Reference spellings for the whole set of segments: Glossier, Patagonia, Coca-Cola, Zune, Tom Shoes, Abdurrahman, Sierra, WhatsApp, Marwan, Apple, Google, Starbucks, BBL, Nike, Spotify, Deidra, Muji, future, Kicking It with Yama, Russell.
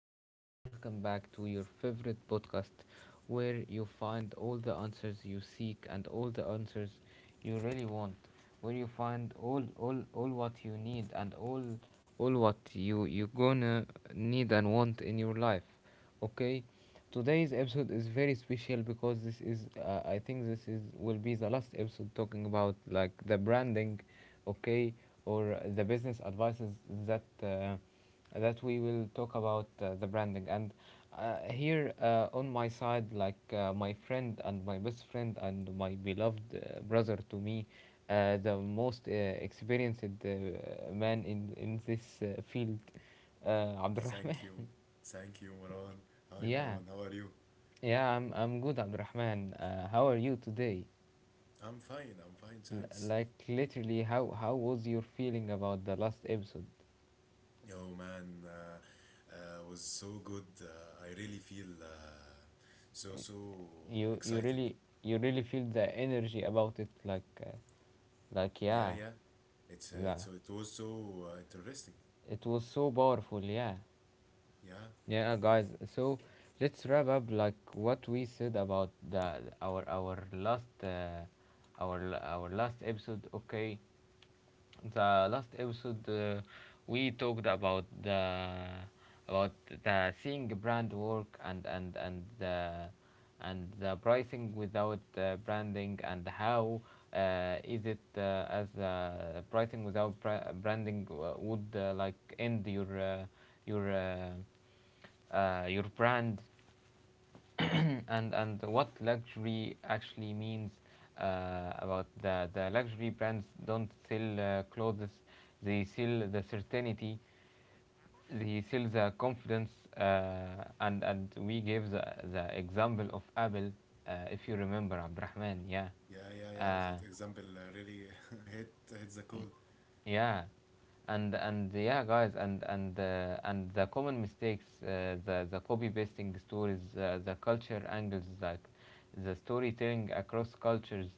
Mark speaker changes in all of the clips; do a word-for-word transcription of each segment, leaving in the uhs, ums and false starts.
Speaker 1: guys, and welcome back to your favorite podcast where you find all the answers you seek and all the answers you really want, where you find all, all, all what you need and all, all what you, you gonna need and want in your life. Okay, today's episode is very special because this is, uh, I think, this is will be the last episode talking about like the branding, okay, or the business advices that uh, that we will talk about, uh, the branding. And uh, here, uh, on my side, like, uh, my friend and my best friend and my beloved uh, brother to me, uh, the most uh, experienced uh, man in in this uh, field, uh, Abdurrahman.
Speaker 2: Thank you. Thank you, Marwan. Hi,
Speaker 1: Yeah.
Speaker 2: Marwan. How are you?
Speaker 1: Yeah, I'm I'm good, Abdurrahman. Uh, how are you today?
Speaker 2: I'm fine. I'm fine.
Speaker 1: L-
Speaker 2: Thanks.
Speaker 1: like literally, how how was your feeling about the last episode?
Speaker 2: Oh, man. Uh, uh, was so good. Uh, I really feel uh, so, so
Speaker 1: you you
Speaker 2: excited.
Speaker 1: really you really feel the energy about it, like, uh, like,
Speaker 2: Yeah,
Speaker 1: yeah.
Speaker 2: yeah. It's, uh,
Speaker 1: Yeah,
Speaker 2: it's It was so uh, interesting.
Speaker 1: it was so powerful. Yeah.
Speaker 2: Yeah,
Speaker 1: Yeah, guys, so let's wrap up like what we said about the our our last, uh, our la- our last episode. Okay, the last episode, uh, we talked about the about the seeing brand work, and and and the and the pricing without uh, branding, and how, uh, is it uh, as uh, pricing without bra- branding uh, would, uh, like, end your, uh, your uh, uh, your brand, and and what luxury actually means. Uh, about the the luxury brands don't sell uh, clothes, they sell the certainty, they sell the confidence. Uh, and and we gave the, the example of Apple. Uh, if you remember, Abdurrahman. Yeah.
Speaker 2: yeah, yeah, yeah.
Speaker 1: uh,
Speaker 2: That example uh, really hit, hit the cold.
Speaker 1: yeah, and and yeah, guys, and and uh, and the common mistakes, uh, the the copy pasting stories, uh, the culture angles, like the storytelling across cultures,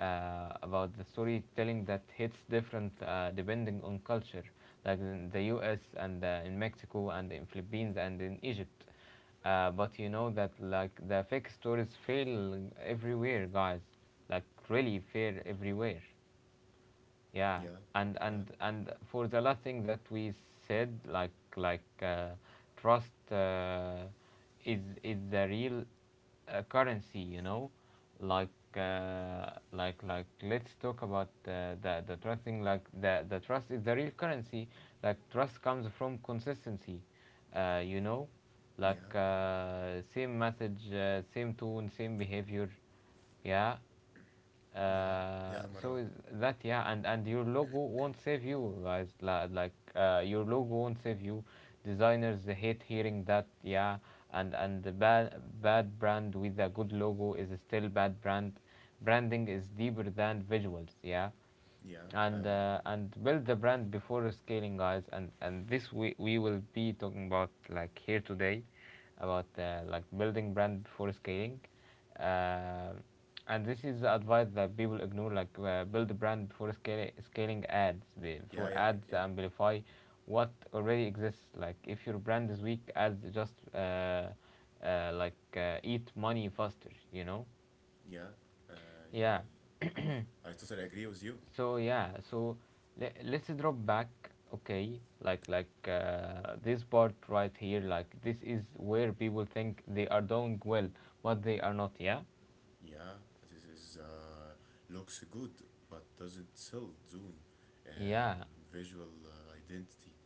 Speaker 1: uh, about the storytelling that hits different uh, depending on culture, like in the U S and uh, in Mexico and in Philippines and in Egypt. Uh, but you know that like the fake stories fail everywhere, guys, like really fail everywhere. Yeah.
Speaker 2: Yeah,
Speaker 1: and
Speaker 2: yeah,
Speaker 1: and and for the last thing that we said, like like uh, trust, uh, is is the real uh, currency, you know, like, uh, like like let's talk about, uh, the the trust thing, like the the trust is the real currency. Like trust comes from consistency, uh, you know, like,
Speaker 2: yeah,
Speaker 1: uh, same message, uh, same tone, same behavior. Yeah.
Speaker 2: yeah,
Speaker 1: uh,
Speaker 2: yeah,
Speaker 1: so
Speaker 2: Marwan.
Speaker 1: is that yeah, and and your logo won't save you, guys. Like, like uh, your logo won't save you. Designers hate hearing that. Yeah, and and the bad bad brand with a good logo is still bad brand. Branding is deeper than visuals. Yeah.
Speaker 2: Yeah,
Speaker 1: And
Speaker 2: uh,
Speaker 1: uh, and build the brand before scaling, guys, and and this we we will be talking about like here today, about, uh, like, building brand before scaling, uh, and this is the advice that people ignore. Like, uh, build a brand before scaling scaling ads
Speaker 2: yeah,
Speaker 1: before
Speaker 2: yeah,
Speaker 1: ads
Speaker 2: yeah,
Speaker 1: amplify what already exists. Like if your brand is weak, ads just uh, uh, like uh, eat money faster, you know.
Speaker 2: yeah. Uh,
Speaker 1: Yeah,
Speaker 2: yeah. I totally agree with you.
Speaker 1: so yeah, so le- let's drop back. Okay, like like uh, this part right here, like this is where people think they are doing well, but they are not. yeah
Speaker 2: Yeah, this is, uh, looks good but doesn't sell Zune,
Speaker 1: yeah
Speaker 2: um, visual uh, identity.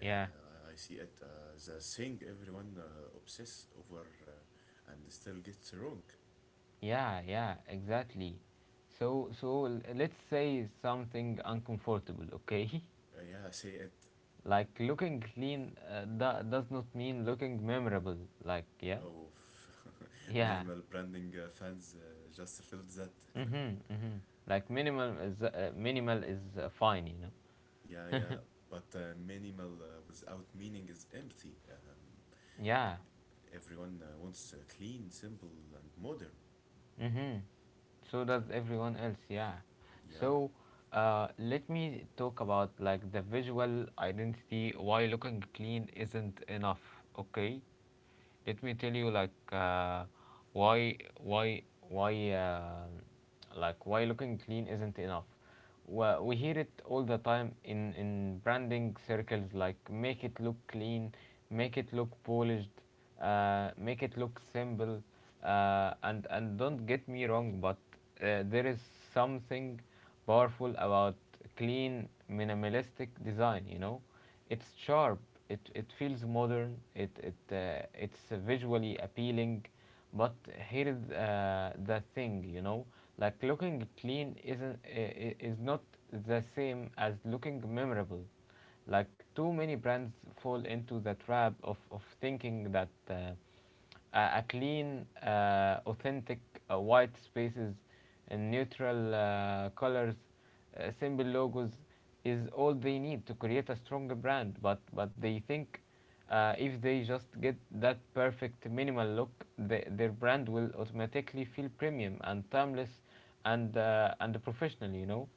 Speaker 1: yeah
Speaker 2: I see it uh, as a thing everyone uh, obsess over uh, and still gets wrong.
Speaker 1: yeah yeah, exactly. So so l- let's say something uncomfortable. Okay.
Speaker 2: Uh, yeah, say it.
Speaker 1: Like looking clean, uh, do- does not mean looking memorable. Like yeah.
Speaker 2: Oh,
Speaker 1: Yeah.
Speaker 2: minimal branding uh, fans uh, just felt that.
Speaker 1: Mhm. Mhm. Like minimal is, uh, minimal is, uh, fine, you know.
Speaker 2: Yeah, yeah, but uh, minimal uh, without meaning is empty. Um,
Speaker 1: Yeah.
Speaker 2: everyone uh, wants uh, clean, simple, and modern.
Speaker 1: Mm-hmm. So
Speaker 2: Uh,
Speaker 1: does everyone else. Yeah.
Speaker 2: yeah,
Speaker 1: So, uh, let me talk about, like, the visual identity, why looking clean isn't enough. Okay, let me tell you like, uh, why why why uh, like why looking clean isn't enough. Well, we hear it all the time in in branding circles, like make it look clean, make it look polished, uh, make it look simple, uh, and and don't get me wrong, but uh, there is something powerful about clean minimalistic design, you know. It's sharp. it, it feels modern. It, it uh, it's uh, visually appealing. But here is, uh, the thing, you know, like looking clean isn't I- I- is not the same as looking memorable. Like too many brands fall into the trap of, of thinking that, uh, uh, a clean, uh, authentic, uh, white spaces and neutral uh, colors, uh, simple logos is all they need to create a stronger brand. But but they think, uh, if they just get that perfect minimal look, the, their brand will automatically feel premium and timeless and uh, and professional, you know.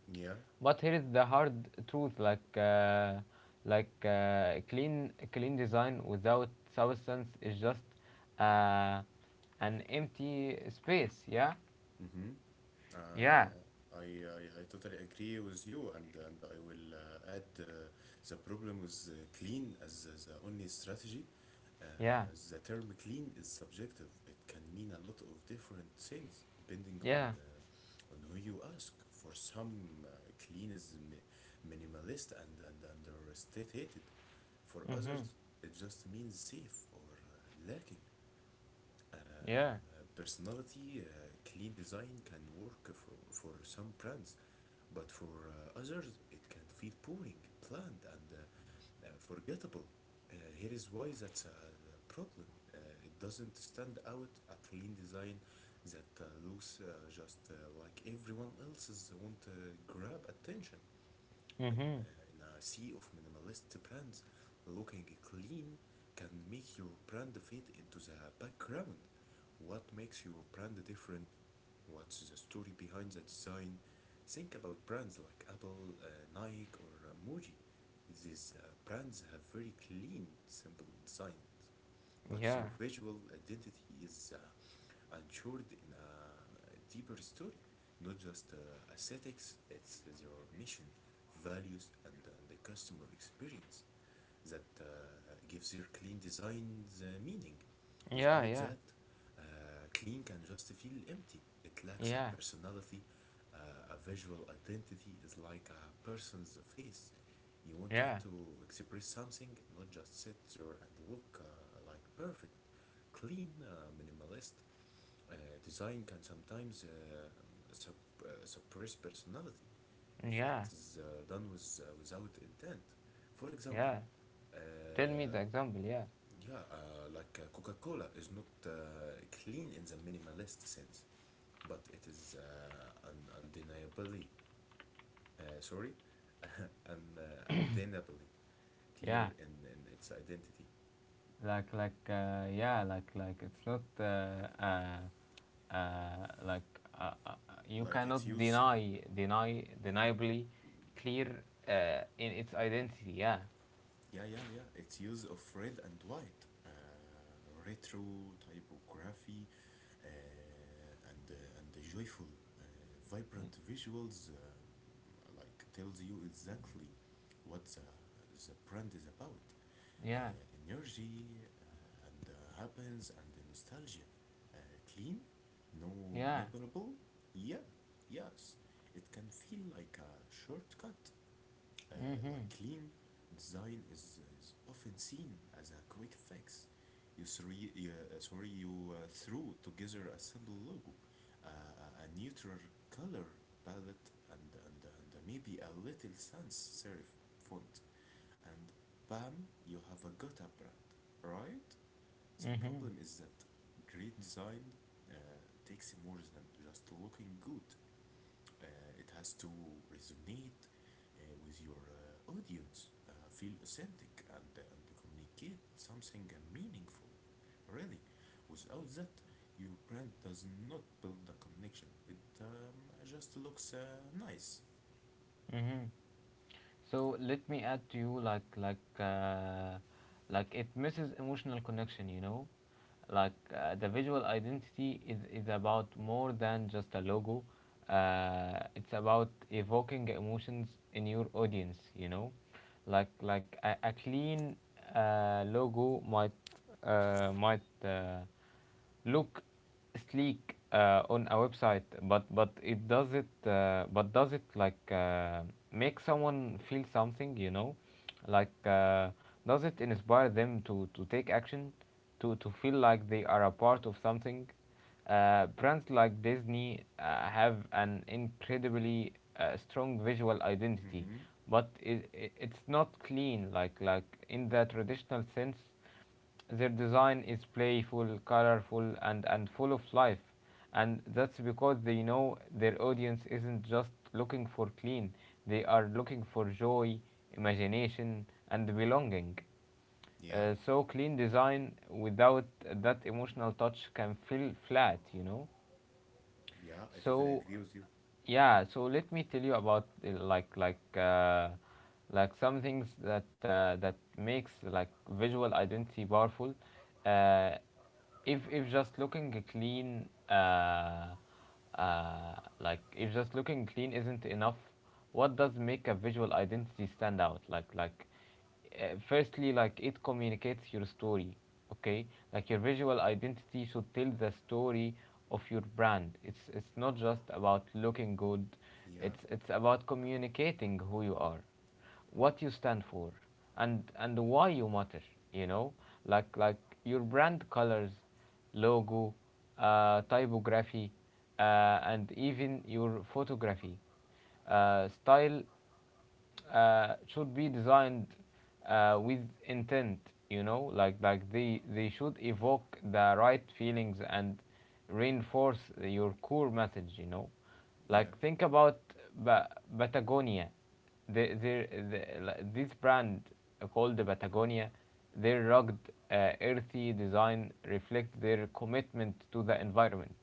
Speaker 2: yeah.
Speaker 1: But here is the hard truth, like, uh, like uh, clean clean design without substance is just uh, an empty space. Yeah,
Speaker 2: Mm-hmm.
Speaker 1: yeah,
Speaker 2: Uh, I, I I totally agree with you, and and I will uh, add uh, the problem with uh, clean as the the only strategy. Uh,
Speaker 1: yeah,
Speaker 2: the term clean is subjective. It can mean a lot of different things depending on
Speaker 1: yeah.
Speaker 2: uh, on who you ask. For some, uh, clean is mi- minimalist and and understated. For
Speaker 1: Mhm.
Speaker 2: others, it just means safe or uh, lacking uh,
Speaker 1: Yeah.
Speaker 2: personality. Uh, clean design can work for, for some brands, but for uh, others, it can feel boring, bland, and uh, uh, forgettable. Uh, here is why that's a problem. Uh, it doesn't stand out. A clean design that uh, looks uh, just uh, like everyone else's want to grab attention in,
Speaker 1: Mhm.
Speaker 2: uh, in a sea of minimalist brands, looking clean can make your brand fade into the background. What makes your brand different? What's the story behind the design? Think about brands like Apple, uh, Nike, or uh, Muji. These uh, brands have very clean, simple designs, but
Speaker 1: Yeah.
Speaker 2: their visual identity is uh, ensured in a deeper story, not just uh, aesthetics. It's their mission, values, and and the customer experience that uh, gives their clean designs uh, meaning.
Speaker 1: Yeah.
Speaker 2: Without
Speaker 1: Yeah.
Speaker 2: that, uh, clean can just feel empty. It lacks a
Speaker 1: Yeah.
Speaker 2: personality, uh, a visual identity. Is like a person's face. You want it
Speaker 1: Yeah.
Speaker 2: to express something, not just sit there and look uh, like perfect, clean, uh, minimalist, uh, design can sometimes uh, sup- uh, suppress personality if it
Speaker 1: Yeah.
Speaker 2: is uh, done with, uh, without intent. For example,
Speaker 1: Yeah. Tell me
Speaker 2: uh,
Speaker 1: the example. Yeah.
Speaker 2: yeah, uh, like uh, Coca-Cola is not uh, clean in the minimalist sense, but it is uh, un- undeniably, uh, sorry, un- uh, undeniably
Speaker 1: Yeah,
Speaker 2: clear in, in its identity.
Speaker 1: like like uh, yeah like like it's not uh, uh, uh, like uh, uh, you
Speaker 2: Like its
Speaker 1: cannot
Speaker 2: use uh,
Speaker 1: deny deny deniably clear uh, in its identity. Yeah.
Speaker 2: Yeah, yeah, yeah. Its use of red and white, uh, retro typography, uh, and uh, and the joyful, uh, vibrant visuals, um, like tells you exactly what the the brand is about. Uh,
Speaker 1: Yeah.
Speaker 2: Energy uh, and uh, happens and the nostalgia. uh, Clean, no
Speaker 1: Yeah.
Speaker 2: memorable. Yeah, yes. It can feel like a shortcut, uh, like
Speaker 1: Mhm.
Speaker 2: clean design is, is often seen as a quick fix. You three, you, uh, sorry, You uh, threw together a simple logo, uh, a- a neutral color palette, and, and, and maybe a little sans serif font, and bam, you have a Gotha brand, right? The
Speaker 1: Mhm.
Speaker 2: problem is that great design uh, takes more than just looking good. Uh, it has to resonate uh, with your uh, audience, uh, feel authentic, and, uh, and communicate something uh, meaningful. Really, without that, your brand does not build the connection. It um, just looks uh, nice.
Speaker 1: Mhm. So let me add to you, like, like uh, like, it misses emotional connection, you know, like, uh, the visual identity is is about more than just a logo. Uh, it's about evoking emotions in your audience, you know, like like a, a clean uh, logo might uh, might uh, look sleek uh, on a website, but but it does it, uh, but does it, like, uh, make someone feel something? You know, like, uh, does it inspire them to to take action, to to feel like they are a part of something? Uh, brands like Disney uh, have an incredibly uh, strong visual identity,
Speaker 2: Mm-hmm.
Speaker 1: but it, it, it's not clean, like like in the traditional sense. Their design is playful, colorful, and, and full of life. And that's because they know their audience isn't just looking for clean, they are looking for joy, imagination, and belonging.
Speaker 2: Yeah,
Speaker 1: Uh, so, clean design without that emotional touch can feel flat, you know?
Speaker 2: yeah, I totally
Speaker 1: So
Speaker 2: agree with you.
Speaker 1: yeah, so let me tell you about, uh, like like uh, like, some things that uh, that makes like visual identity powerful. Uh, if if just looking clean, uh, uh, like if just looking clean isn't enough, what does make a visual identity stand out? Like like uh, firstly, like, it communicates your story. Okay, like your visual identity should tell the story of your brand. It's it's not just about looking good,
Speaker 2: Yeah,
Speaker 1: it's it's about communicating who you are, what you stand for, and and why you matter, you know, like like your brand colors, logo, uh, typography, uh, and even your photography uh, style uh, should be designed uh, with intent, you know, like like they they should evoke the right feelings and reinforce your core message, you know.
Speaker 2: yeah.
Speaker 1: Like think about ba- Patagonia. The, the, the, like, this brand called the Patagonia, their rugged uh, earthy design reflects their commitment to the environment.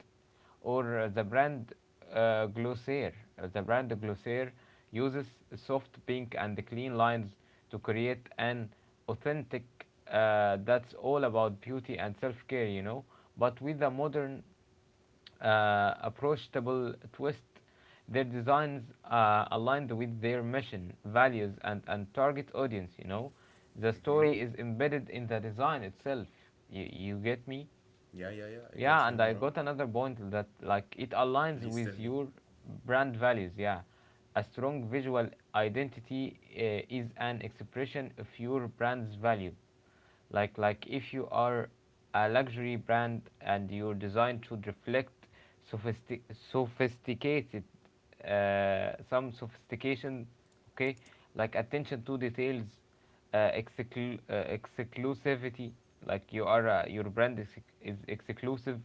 Speaker 1: Or, uh, the brand, uh, Glossier. Uh, The brand Glossier uses soft pink and clean lines to create an authentic uh, that's all about beauty and self-care, you know, but with a modern uh, approachable twist. Their designs are uh, aligned with their mission, values, and, and target audience. You know, the
Speaker 2: Mm-hmm.
Speaker 1: story is embedded in the design itself. You, you get me?
Speaker 2: Yeah, yeah, yeah. I got
Speaker 1: Yeah,
Speaker 2: you,
Speaker 1: and I
Speaker 2: Marwan.
Speaker 1: got another point, that like it aligns
Speaker 2: Please tell
Speaker 1: with
Speaker 2: me.
Speaker 1: your brand values. Yeah, a strong visual identity uh, is an expression of your brand's value. Like like if you are a luxury brand, and your design should reflect sophistic sophisticated, uh, some sophistication. Okay, like attention to details, uh, exclu- uh, exclusivity. Like you are, uh, your brand is, is exclusive.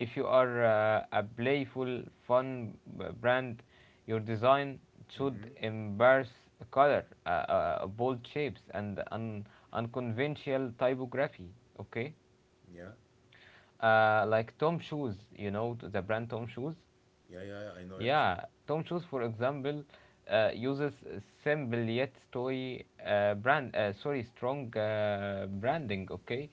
Speaker 1: If you are uh, a playful, fun uh, brand, your design should
Speaker 2: Mm-hmm.
Speaker 1: embrace color, uh, uh, bold shapes, and un- unconventional typography. Okay.
Speaker 2: Yeah,
Speaker 1: Uh, like Tom Shoes, you know, the brand Tom Shoes.
Speaker 2: yeah, yeah, yeah. I know it.
Speaker 1: Yeah, Tom Shoes, for example, uh, uses simple yet story uh, brand. Uh, sorry, strong uh, branding. Okay,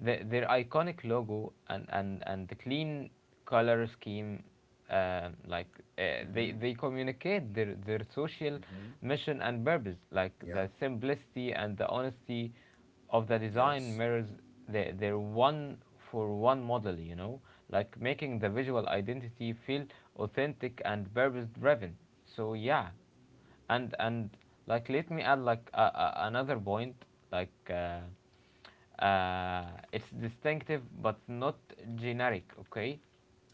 Speaker 1: the, their iconic logo and and and the clean color scheme, um, like, uh, they
Speaker 2: Mm-hmm.
Speaker 1: they communicate their their social
Speaker 2: Mm-hmm.
Speaker 1: mission and purpose, like
Speaker 2: Yeah,
Speaker 1: the simplicity and the honesty of the design
Speaker 2: yes.
Speaker 1: mirrors the, their one for one model, you know, like making the visual identity feel authentic and purpose driven. So yeah, and and like, let me add like a, a, another point, like, uh, uh, it's distinctive but not generic. Okay,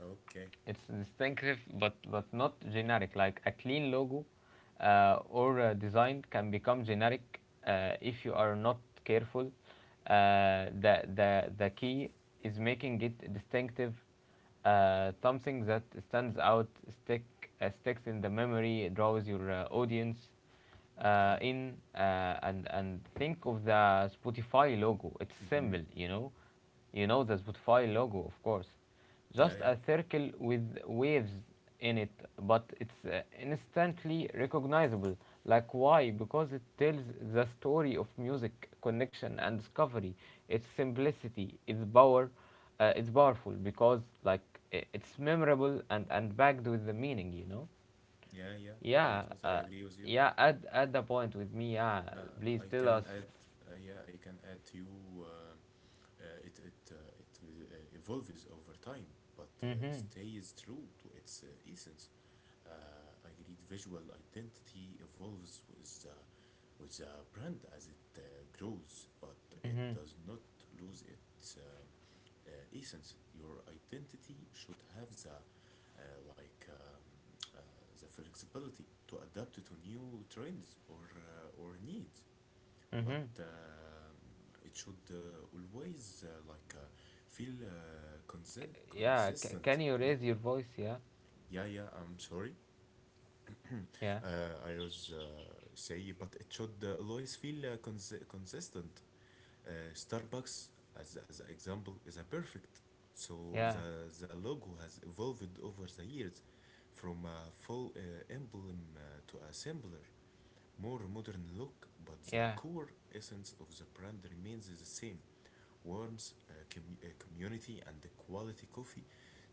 Speaker 2: Okay.
Speaker 1: it's distinctive but but not generic. Like a clean logo uh, or a design can become generic uh, if you are not careful. Uh, the the the key is making it distinctive, uh, something that stands out stick uh, sticks in the memory, draws your uh, audience uh,
Speaker 2: Yeah.
Speaker 1: in uh, and and think of the Spotify logo. It's
Speaker 2: Mm-hmm.
Speaker 1: simple, you know, you know the Spotify logo, of course.
Speaker 2: Yeah,
Speaker 1: Just
Speaker 2: yeah.
Speaker 1: a circle with waves in it, but it's uh, instantly recognizable. Like, why? Because it tells the story of music, connection, and discovery. Its simplicity, its power, uh, it's powerful because, like, i- it's memorable and, and backed with the meaning, you know?
Speaker 2: Yeah, yeah. I
Speaker 1: Yeah,
Speaker 2: totally
Speaker 1: uh,
Speaker 2: agree with you.
Speaker 1: yeah, add, add the point with me, yeah.
Speaker 2: Uh,
Speaker 1: Please
Speaker 2: I
Speaker 1: tell us.
Speaker 2: can add. Uh, yeah, I can add to you. Uh, uh, it it uh, it uh, evolves over time, but
Speaker 1: Mm
Speaker 2: uh,
Speaker 1: hmm,
Speaker 2: stays true to its uh, essence. Uh, agreed visual identity evolves with the, with the brand as it uh, grows, but
Speaker 1: mm
Speaker 2: it
Speaker 1: hmm,
Speaker 2: does not lose its um, uh, essence. Your identity should have the uh, like um, uh, the flexibility to adapt to new trends or uh, or needs,
Speaker 1: mm
Speaker 2: but
Speaker 1: hmm.
Speaker 2: um it should uh, always uh, like uh, feel uh, consen-
Speaker 1: Yeah, c-
Speaker 2: consistent.
Speaker 1: can you
Speaker 2: Yeah,
Speaker 1: raise your voice? Yeah,
Speaker 2: yeah, yeah. I'm sorry.
Speaker 1: yeah,
Speaker 2: Uh, I was uh, say, but it should uh, always feel uh, cons- consistent. Uh, Starbucks, as as an example, is a perfect. So
Speaker 1: yeah,
Speaker 2: the the logo has evolved over the years, from a full uh, emblem uh, to a simpler, more modern look, but the
Speaker 1: yeah,
Speaker 2: core essence of the brand remains the same warmth, uh, com- uh, community, and the quality coffee.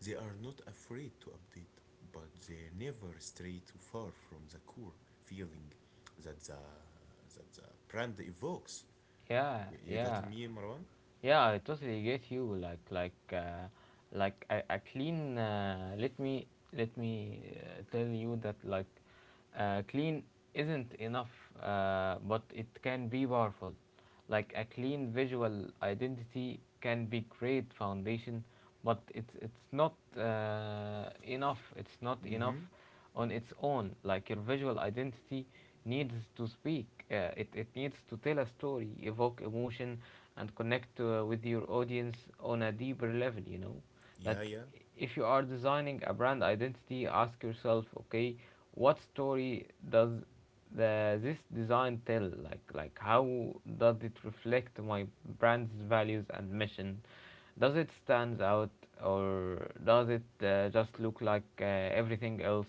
Speaker 2: They are not afraid to update, but they never stray too far from the core feeling that the, that the brand evokes.
Speaker 1: yeah,
Speaker 2: You, you got
Speaker 1: yeah,
Speaker 2: me, Marwan?
Speaker 1: yeah. I totally get you. Like, like, uh, like a, a clean. Uh, let me let me uh, tell you that like, uh, clean isn't enough, uh, but it can be powerful. Like a clean visual identity can be great foundation, but it's it's not uh, enough. It's not enough
Speaker 2: Mm-hmm.
Speaker 1: on its own. Like your visual identity needs to speak. Uh, it it needs to tell a story, evoke emotion, and connect uh, with your audience on a deeper level. You know,
Speaker 2: Yeah,
Speaker 1: like
Speaker 2: yeah.
Speaker 1: if you are designing a brand identity, ask yourself, okay, what story does the this design tell, like like how does it reflect my brand's values and mission? Does it stands out, or does it uh, just look like uh, everything else?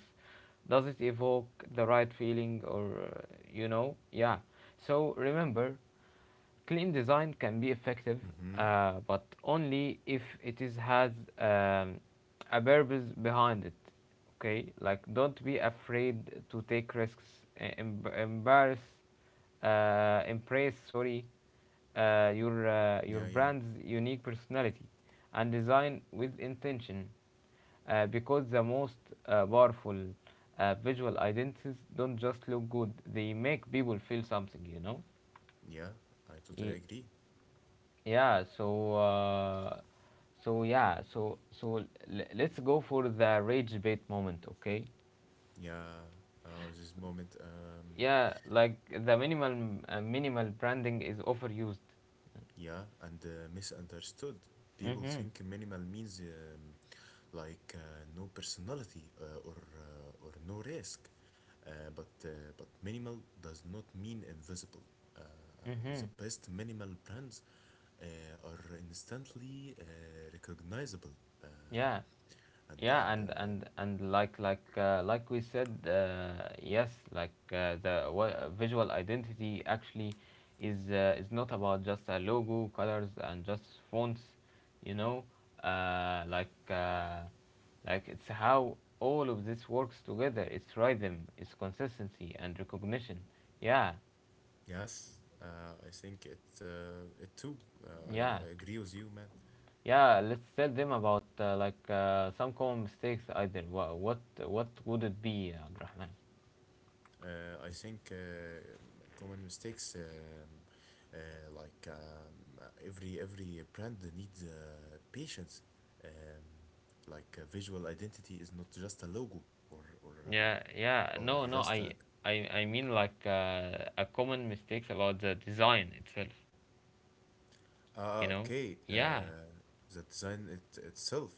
Speaker 1: Does it evoke the right feeling, or uh, you know yeah? So remember, clean design can be effective,
Speaker 2: Mm-hmm.
Speaker 1: uh, but only if it is has um, a purpose behind it. Okay, like don't be afraid to take risks. e- em- Embarrass, uh, embrace, sorry, uh, your uh, your
Speaker 2: Yeah, yeah.
Speaker 1: brand's unique personality, and design with intention, uh, because the most uh, powerful uh, visual identities don't just look good; they make people feel something. You know.
Speaker 2: Yeah, I totally
Speaker 1: E.
Speaker 2: agree.
Speaker 1: Yeah, so uh, so yeah, so so l- let's go for the rage bait moment, okay?
Speaker 2: Yeah, uh, this moment. Um,
Speaker 1: Yeah, like the minimal uh, minimal branding is overused.
Speaker 2: Yeah, and uh, misunderstood. People
Speaker 1: Mhm.
Speaker 2: think minimal means um, like uh, no personality uh, or uh, or no risk, uh, but uh, but minimal does not mean invisible. Uh, uh, the
Speaker 1: Mhm.
Speaker 2: best minimal brands uh, are instantly uh, recognizable. Uh,
Speaker 1: Yeah.
Speaker 2: and
Speaker 1: Yeah,
Speaker 2: and
Speaker 1: and
Speaker 2: uh,
Speaker 1: and and like like uh, like we said, uh, yes, like uh, the wa- visual identity actually is uh, is not about just a logo, colors, and just fonts, you know, uh, like uh, like it's how all of this works together. It's rhythm, it's consistency, and recognition. Yeah,
Speaker 2: Yes, uh, I think it uh, it too. Uh,
Speaker 1: yeah,
Speaker 2: I, I agree with you, man.
Speaker 1: yeah. Let's tell them about uh, like uh, some common mistakes either. Wha- What what would it be, Abdurrahman?
Speaker 2: Uh, I think uh, common mistakes, um, uh, like um, every every brand needs uh, patience. Um, like uh, visual identity is not just a logo or or
Speaker 1: Yeah,
Speaker 2: uh,
Speaker 1: yeah,
Speaker 2: or
Speaker 1: no, no,
Speaker 2: just a
Speaker 1: I I I mean, like uh, a common mistakes about the design itself, you
Speaker 2: Ah,
Speaker 1: know.
Speaker 2: okay,
Speaker 1: Yeah,
Speaker 2: uh, the design it itself.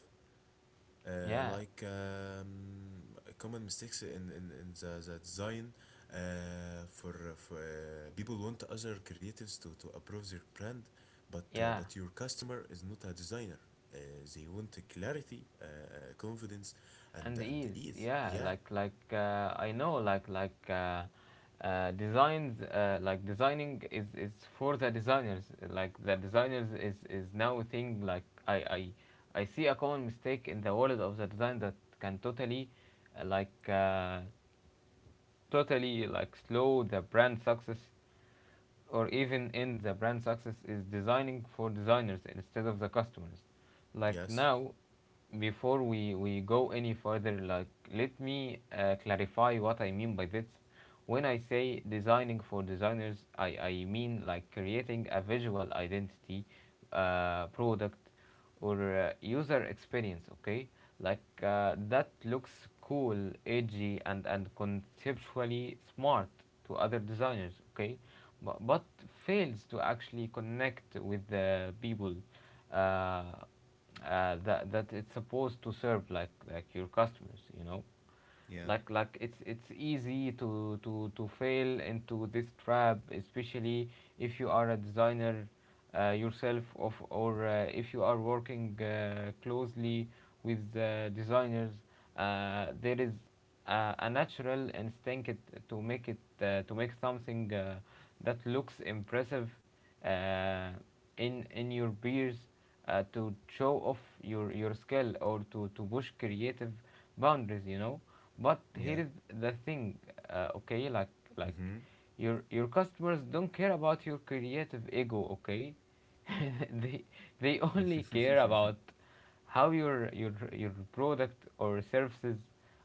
Speaker 2: uh,
Speaker 1: yeah,
Speaker 2: Like um, common mistakes in in, in the, the design uh, for, for uh, people want other creatives to, to approve their brand, but uh,
Speaker 1: yeah,
Speaker 2: but your customer is not a designer. uh, they want clarity, uh, uh, confidence, and
Speaker 1: and the
Speaker 2: and
Speaker 1: ease,
Speaker 2: ease.
Speaker 1: yeah.
Speaker 2: Yeah.
Speaker 1: like like uh, I know like like uh, uh, designs, uh, like designing is is for the designers. Like the designers is is now a thing. Like I I I see a common mistake in the world of the design that can totally uh, like uh, totally like slow the brand success, or even in the brand success, is designing for designers instead of the customers. Like,
Speaker 2: Yes.
Speaker 1: now, before we we go any further, like let me uh, clarify what I mean by this. When I say designing for designers, i i mean like creating a visual identity, uh, product, or uh, user experience, okay? Like uh, that looks cool, edgy, and and conceptually smart to other designers, okay? but, but fails to actually connect with the people uh, uh, that that it's supposed to serve, like like your customers, you know.
Speaker 2: Yeah,
Speaker 1: Like, like it's it's easy to to to fail into this trap, especially if you are a designer uh, yourself, of or uh, if you are working uh, closely with uh, designers. Uh, there is uh, a natural instinct to make it uh, to make something uh, that looks impressive uh, in in your peers, uh, to show off your your skill, or to to push creative boundaries, you know. But
Speaker 2: yeah.
Speaker 1: here is the thing, uh, okay, like like
Speaker 2: Mm-hmm.
Speaker 1: your your customers don't care about your creative ego, okay? they they only care about how your your your product or services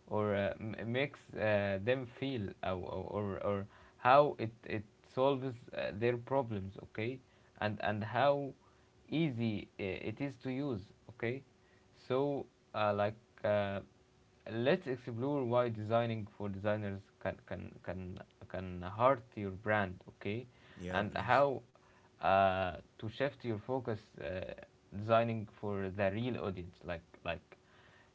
Speaker 1: or uh, m- makes uh, them feel, or, or, or how it, it solves uh, their problems, okay? and and how easy uh, it is to use, okay? So uh, like uh, let's explore why designing for designers can can can can hurt your brand, okay?
Speaker 2: Yeah,
Speaker 1: And
Speaker 2: please.
Speaker 1: how uh, to shift your focus, uh, designing for the real audience. like like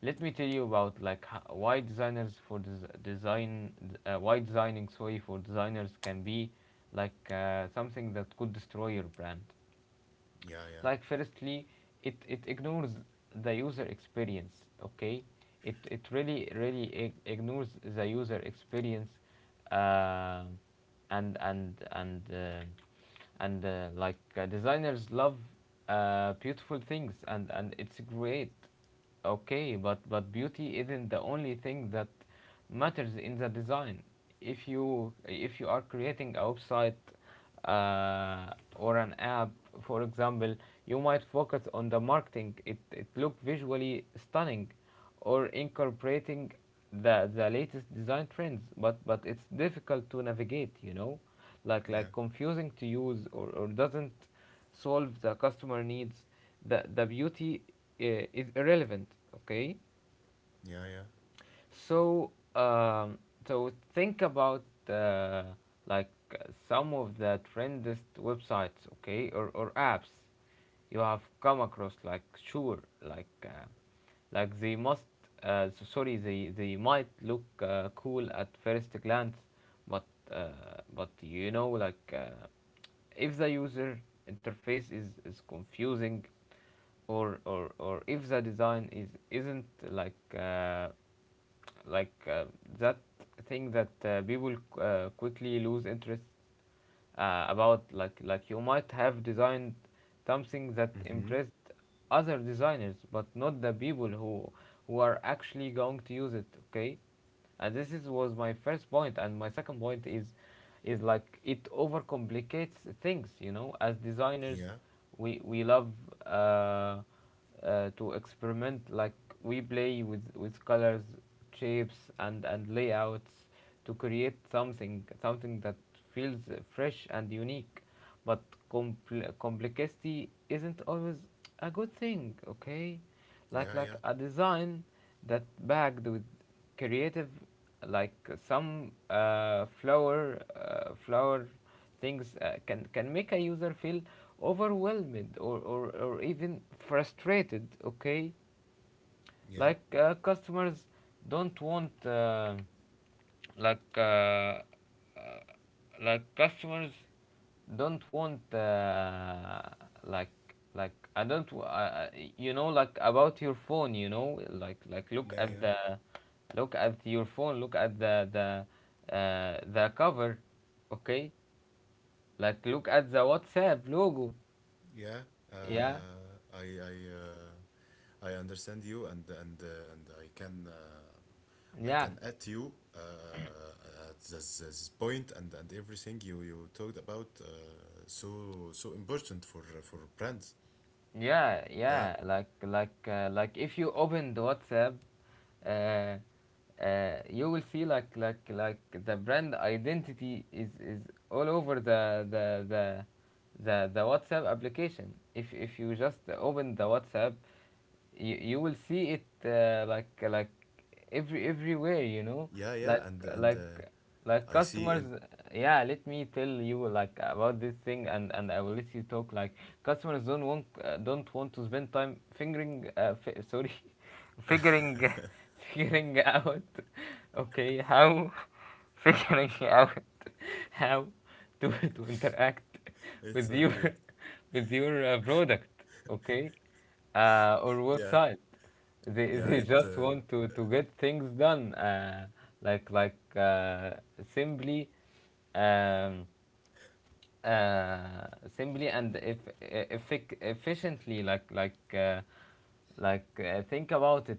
Speaker 1: let me tell you about like ho- why designers for des- design uh, why designing, sorry, for designers can be like uh, something that could destroy your brand.
Speaker 2: Yeah, yeah,
Speaker 1: Like, firstly, it it ignores the user experience. Okay, it it really really ig- ignores the user experience. Uh, and and and uh, and uh, like uh, designers love uh, beautiful things, and and it's great. Okay, but but beauty isn't the only thing that matters in the design. If you if you are creating a website uh, or an app, for example, you might focus on the marketing. It it look visually stunning, or incorporating the the latest design trends. But but it's difficult to navigate. You know, like
Speaker 2: yeah,
Speaker 1: like confusing to use, or or doesn't solve the customer needs, the the beauty uh, is irrelevant, okay?
Speaker 2: yeah, yeah.
Speaker 1: So, um, so think about uh, like uh, some of the trendiest websites, okay, or, or apps you have come across. Like, sure, like uh, like they must, uh, so- sorry, they they might look uh, cool at first glance, but uh, but you know, like uh, if the user interface is is confusing, or or or if the design is isn't like. Uh, like uh, that thing that uh, people uh, quickly lose interest uh, about. like like you might have designed something that
Speaker 2: Mm-hmm.
Speaker 1: impressed other designers, but not the people who who are actually going to use it, okay? And this is was my first point, and my second point is is like it overcomplicates things, you know. As designers,
Speaker 2: Yeah,
Speaker 1: we we love uh, uh, to experiment, like we play with with colors, shapes, and and layouts to create something something that feels fresh and unique. But compl- complexity isn't always a good thing, okay?
Speaker 2: yeah,
Speaker 1: like
Speaker 2: yeah,
Speaker 1: like a design that bagged with creative, like some uh, flower uh, flower things, uh, can can make a user feel overwhelmed, or, or, or even frustrated, okay?
Speaker 2: yeah,
Speaker 1: Like, uh, customers don't want, um, like uh, uh, like customers don't want, uh, like like I don't w- uh, you know, like about your phone, you know, like like look
Speaker 2: yeah,
Speaker 1: at
Speaker 2: yeah.
Speaker 1: the, look at your phone, look at the the uh, the cover, okay? Like, look at the WhatsApp logo.
Speaker 2: Yeah,
Speaker 1: Yeah,
Speaker 2: uh, I I uh, I understand you, and and uh, and I can uh, I
Speaker 1: yeah,
Speaker 2: can add to you uh, at this, this point, and and everything you you talked about, uh, so so important for for brands.
Speaker 1: yeah,
Speaker 2: Yeah,
Speaker 1: yeah. Like like uh, like if you open the WhatsApp, uh, uh, you will see like like like the brand identity is is all over the the the the, the WhatsApp application. If if you just open the WhatsApp, you, you will see it uh, like like every everywhere, you know.
Speaker 2: yeah,
Speaker 1: like
Speaker 2: yeah, and and
Speaker 1: like
Speaker 2: uh,
Speaker 1: like
Speaker 2: I see,
Speaker 1: customers,
Speaker 2: and
Speaker 1: yeah, let me tell you like about this thing, and and I will let you talk. Like, customers don't want uh, don't want to spend time fingering uh, fi- sorry figuring figuring out, okay, how figuring out how to to interact
Speaker 2: it's
Speaker 1: with your
Speaker 2: okay.
Speaker 1: with your uh, product, okay, uh, or
Speaker 2: Yeah,
Speaker 1: website.
Speaker 2: yeah,
Speaker 1: They
Speaker 2: it
Speaker 1: they
Speaker 2: uh,
Speaker 1: just want to, to get things done, uh, like like uh, simply, um, uh, simply and if, effic- efficiently. Like, like uh, like uh, think about it.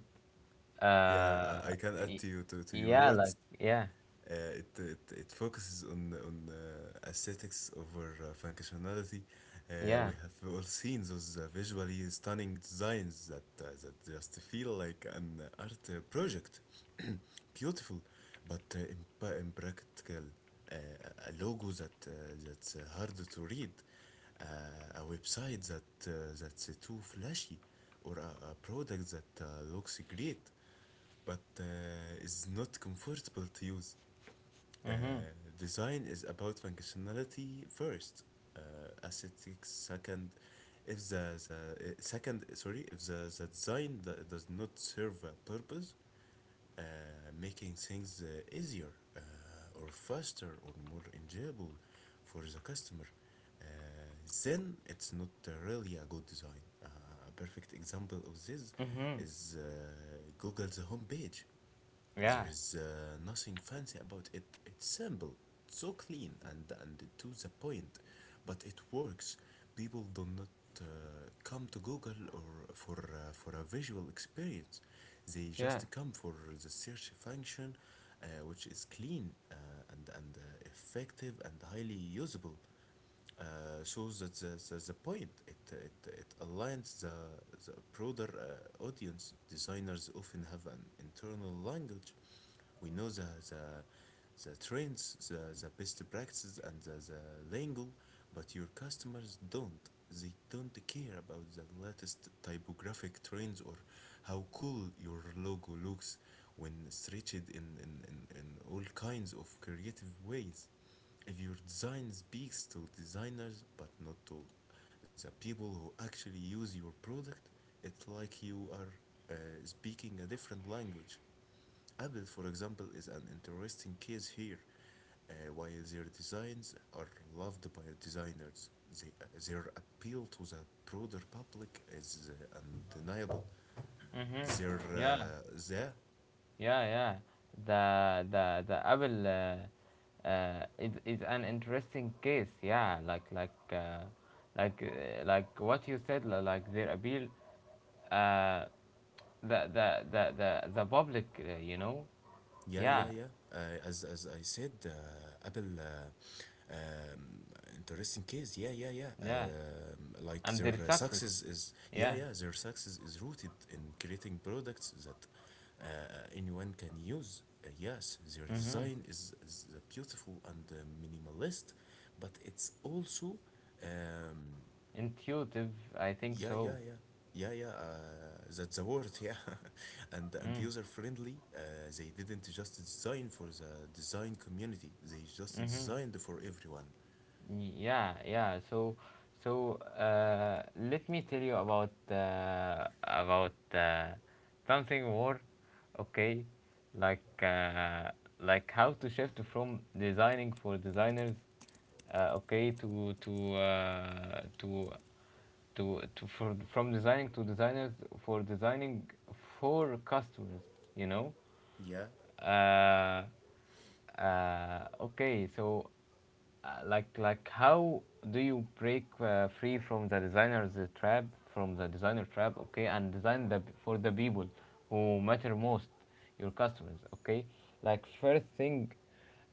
Speaker 2: yeah, I, I
Speaker 1: Uh,
Speaker 2: can add
Speaker 1: y-
Speaker 2: to you to to your
Speaker 1: yeah, like
Speaker 2: words.
Speaker 1: yeah,
Speaker 2: Uh, it, it it focuses on on uh, aesthetics over uh, functionality. Uh,
Speaker 1: yeah.
Speaker 2: we have all seen those uh, visually stunning designs that uh, that just feel like an art uh, project, beautiful, but uh, imp- impractical. Uh, a a logo that uh, that's uh, hard to read, uh, a website that uh, that's uh, too flashy, or a, a product that uh, looks great but uh, is not comfortable to use. Uh,
Speaker 1: Mhm.
Speaker 2: Design is about functionality first, uh, aesthetics second. If the, the uh, second, sorry, If the, the design that does not serve a purpose, uh, making things uh, easier uh, or faster or more enjoyable for the customer, uh, then it's not uh, really a good design. Uh, a perfect example of this
Speaker 1: Mhm.
Speaker 2: is uh, Google's homepage. There
Speaker 1: Yeah.
Speaker 2: is uh, nothing fancy about it. It's simple, it's so clean, and and to the point, but it works. People do not uh, come to Google or for uh, for a visual experience. They
Speaker 1: Yeah.
Speaker 2: just come for the search function, uh, which is clean uh, and and uh, effective and highly usable, uh, shows that the, the, the point it, it, it aligns the, the broader uh, audience. Designers often have an internal language. We know the, the, the trends, the, the best practices, and the, the lingo, but your customers don't. They don't care about the latest typographic trends or how cool your logo looks when stretched in, in, in, in all kinds of creative ways. If your design speaks to designers but not to the people who actually use your product, it's like you are uh, speaking a different language. Apple, for example, is an interesting case here. Uh, while their designs are loved by designers, they, uh, their appeal to the broader public is uh, undeniable.
Speaker 1: Mhm.
Speaker 2: Their
Speaker 1: Yeah.
Speaker 2: uh, the
Speaker 1: Yeah, yeah. The the the Apple uh, uh, is is an interesting case. Yeah, like like uh, like uh, like what you said. li- Like their appeal, uh, the the the the the public. Uh, you know.
Speaker 2: Yeah, yeah,
Speaker 1: Yeah,
Speaker 2: yeah. Uh, as as I said, uh, Apple, uh, um, interesting case. Yeah, yeah, yeah.
Speaker 1: yeah,
Speaker 2: Um, like
Speaker 1: and
Speaker 2: their
Speaker 1: their
Speaker 2: uh,
Speaker 1: success.
Speaker 2: success is, yeah,
Speaker 1: Yeah.
Speaker 2: yeah, their success is rooted in creating products that uh, anyone can use. Uh, yes, their
Speaker 1: Mhm.
Speaker 2: design is is beautiful and uh, minimalist, but it's also, um,
Speaker 1: Intuitive, I think
Speaker 2: yeah, yeah,
Speaker 1: so.
Speaker 2: yeah, yeah, yeah. Uh, that's the word, yeah. And and
Speaker 1: Mm.
Speaker 2: user friendly. Uh, they didn't just design for the design community. They just
Speaker 1: Mhm.
Speaker 2: designed for everyone.
Speaker 1: Yeah, yeah. So, so uh, let me tell you about uh, about uh, something more, okay? Like uh, like how to shift from designing for designers, uh, okay, to to uh, to to to for from designing to designers for designing for customers. You know,
Speaker 2: Yeah,
Speaker 1: uh, uh, okay, so uh, like like how do you break uh, free from the designer's trap, from the designer trap, okay, and design the for the people who matter most, your customers, okay? Like, first thing,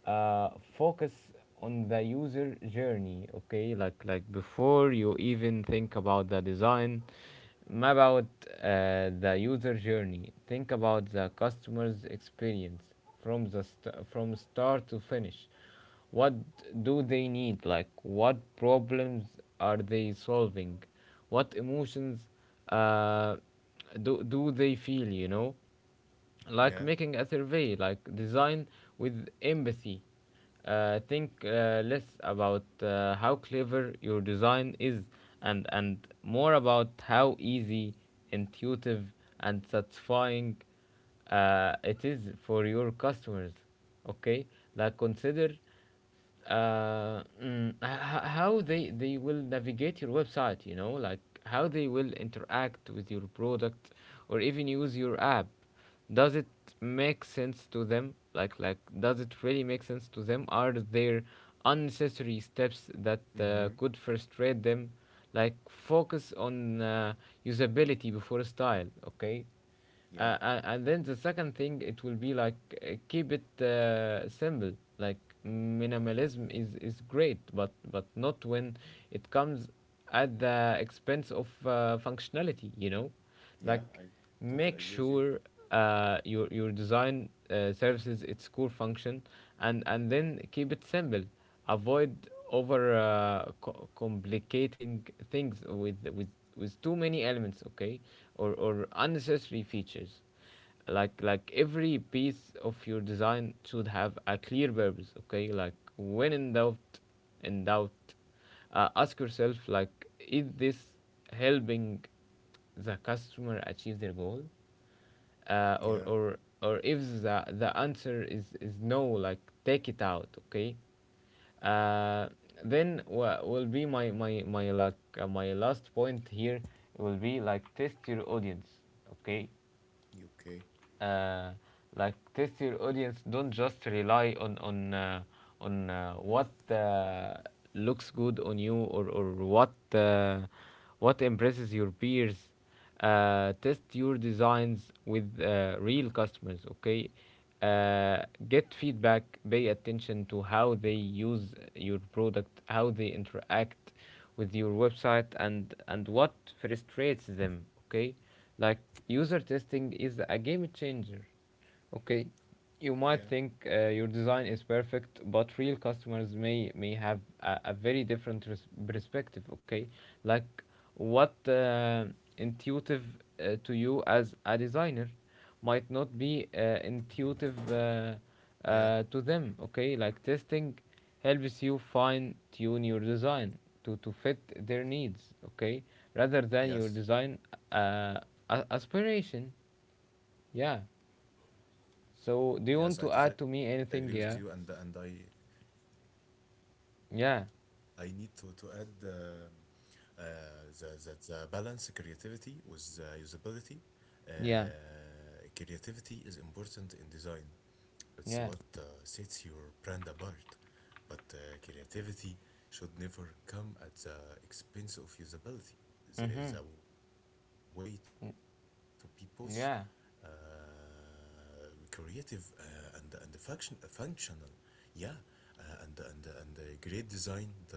Speaker 1: uh, focus on the user journey, okay? like like before you even think about the design, map out uh, the user journey. Think about the customer's experience from the st- from start to finish. What do they need? Like, what problems are they solving? What emotions uh, do do they feel? You know, like
Speaker 2: yeah.
Speaker 1: making a survey, like design with empathy. Uh, think uh, less about uh, how clever your design is, and, and more about how easy, intuitive, and satisfying uh, it is for your customers. Okay, like consider uh, mm, h- h- how they they will navigate your website, you know like how they will interact with your product or even use your app. Does it make sense to them? Like like does it really make sense to them? Are there unnecessary steps that uh, could
Speaker 2: Mm-hmm.
Speaker 1: frustrate them? Like focus on uh, usability before style. Okay, uh, and,
Speaker 2: Yeah,
Speaker 1: and then the second thing it will be like, uh, keep it uh, simple. Like minimalism is is great, but but not when it comes at the expense of uh, functionality, you know. Like
Speaker 2: yeah. I
Speaker 1: make
Speaker 2: totally
Speaker 1: sure
Speaker 2: agree with you.
Speaker 1: uh, your your design uh, services its core function, and and then keep it simple. Avoid over uh, co- complicating things with with with too many elements. Okay, or or unnecessary features. Like like every piece of your design should have a clear purpose. Okay, like when in doubt, in doubt uh, ask yourself, like, is this helping the customer achieve their goal? Uh, or or
Speaker 2: Yeah.
Speaker 1: or if the the answer is is no, like, take it out, okay? Uh, then wha- will be my my my like uh, my last point here. Will be like, test your audience, okay?
Speaker 2: You okay?
Speaker 1: uh, like test your audience. Don't just rely on on uh, on uh, what uh, looks good on you, or or what uh, what impresses your peers. Uh, test your designs with uh, real customers. Okay, uh, get feedback, pay attention to how they use your product, how they interact with your website, and and what frustrates them. Okay, like user testing is a game changer. Okay, you might think uh,
Speaker 2: Yeah.
Speaker 1: your design is perfect, but real customers may may have a, a very different res- perspective. Okay, like what uh, intuitive uh, to you as a designer might not be uh, intuitive uh, uh, to them.
Speaker 2: Yeah.
Speaker 1: Okay, like testing helps you fine tune your design to, to fit their needs. Okay, rather than your
Speaker 2: Yes.
Speaker 1: design uh, a- aspiration. Yeah. So
Speaker 2: Yes,
Speaker 1: do
Speaker 2: I
Speaker 1: you want
Speaker 2: totally
Speaker 1: to
Speaker 2: agree
Speaker 1: add
Speaker 2: with
Speaker 1: to
Speaker 2: you,
Speaker 1: me
Speaker 2: and and
Speaker 1: anything?
Speaker 2: I
Speaker 1: Yeah. Yeah.
Speaker 2: I need to to add um uh, the that the balance creativity with the usability.
Speaker 1: Yeah.
Speaker 2: Uh, creativity is important in design. It's what
Speaker 1: Yeah.
Speaker 2: uh, sets your brand apart. But uh, creativity should never come at the expense of usability. There is
Speaker 1: Mhm.
Speaker 2: a way to be both. Uh,
Speaker 1: Mm,
Speaker 2: uh,
Speaker 1: yeah.
Speaker 2: creative uh, and and function functional yeah uh, and and and uh, Great design does not need to be flashy.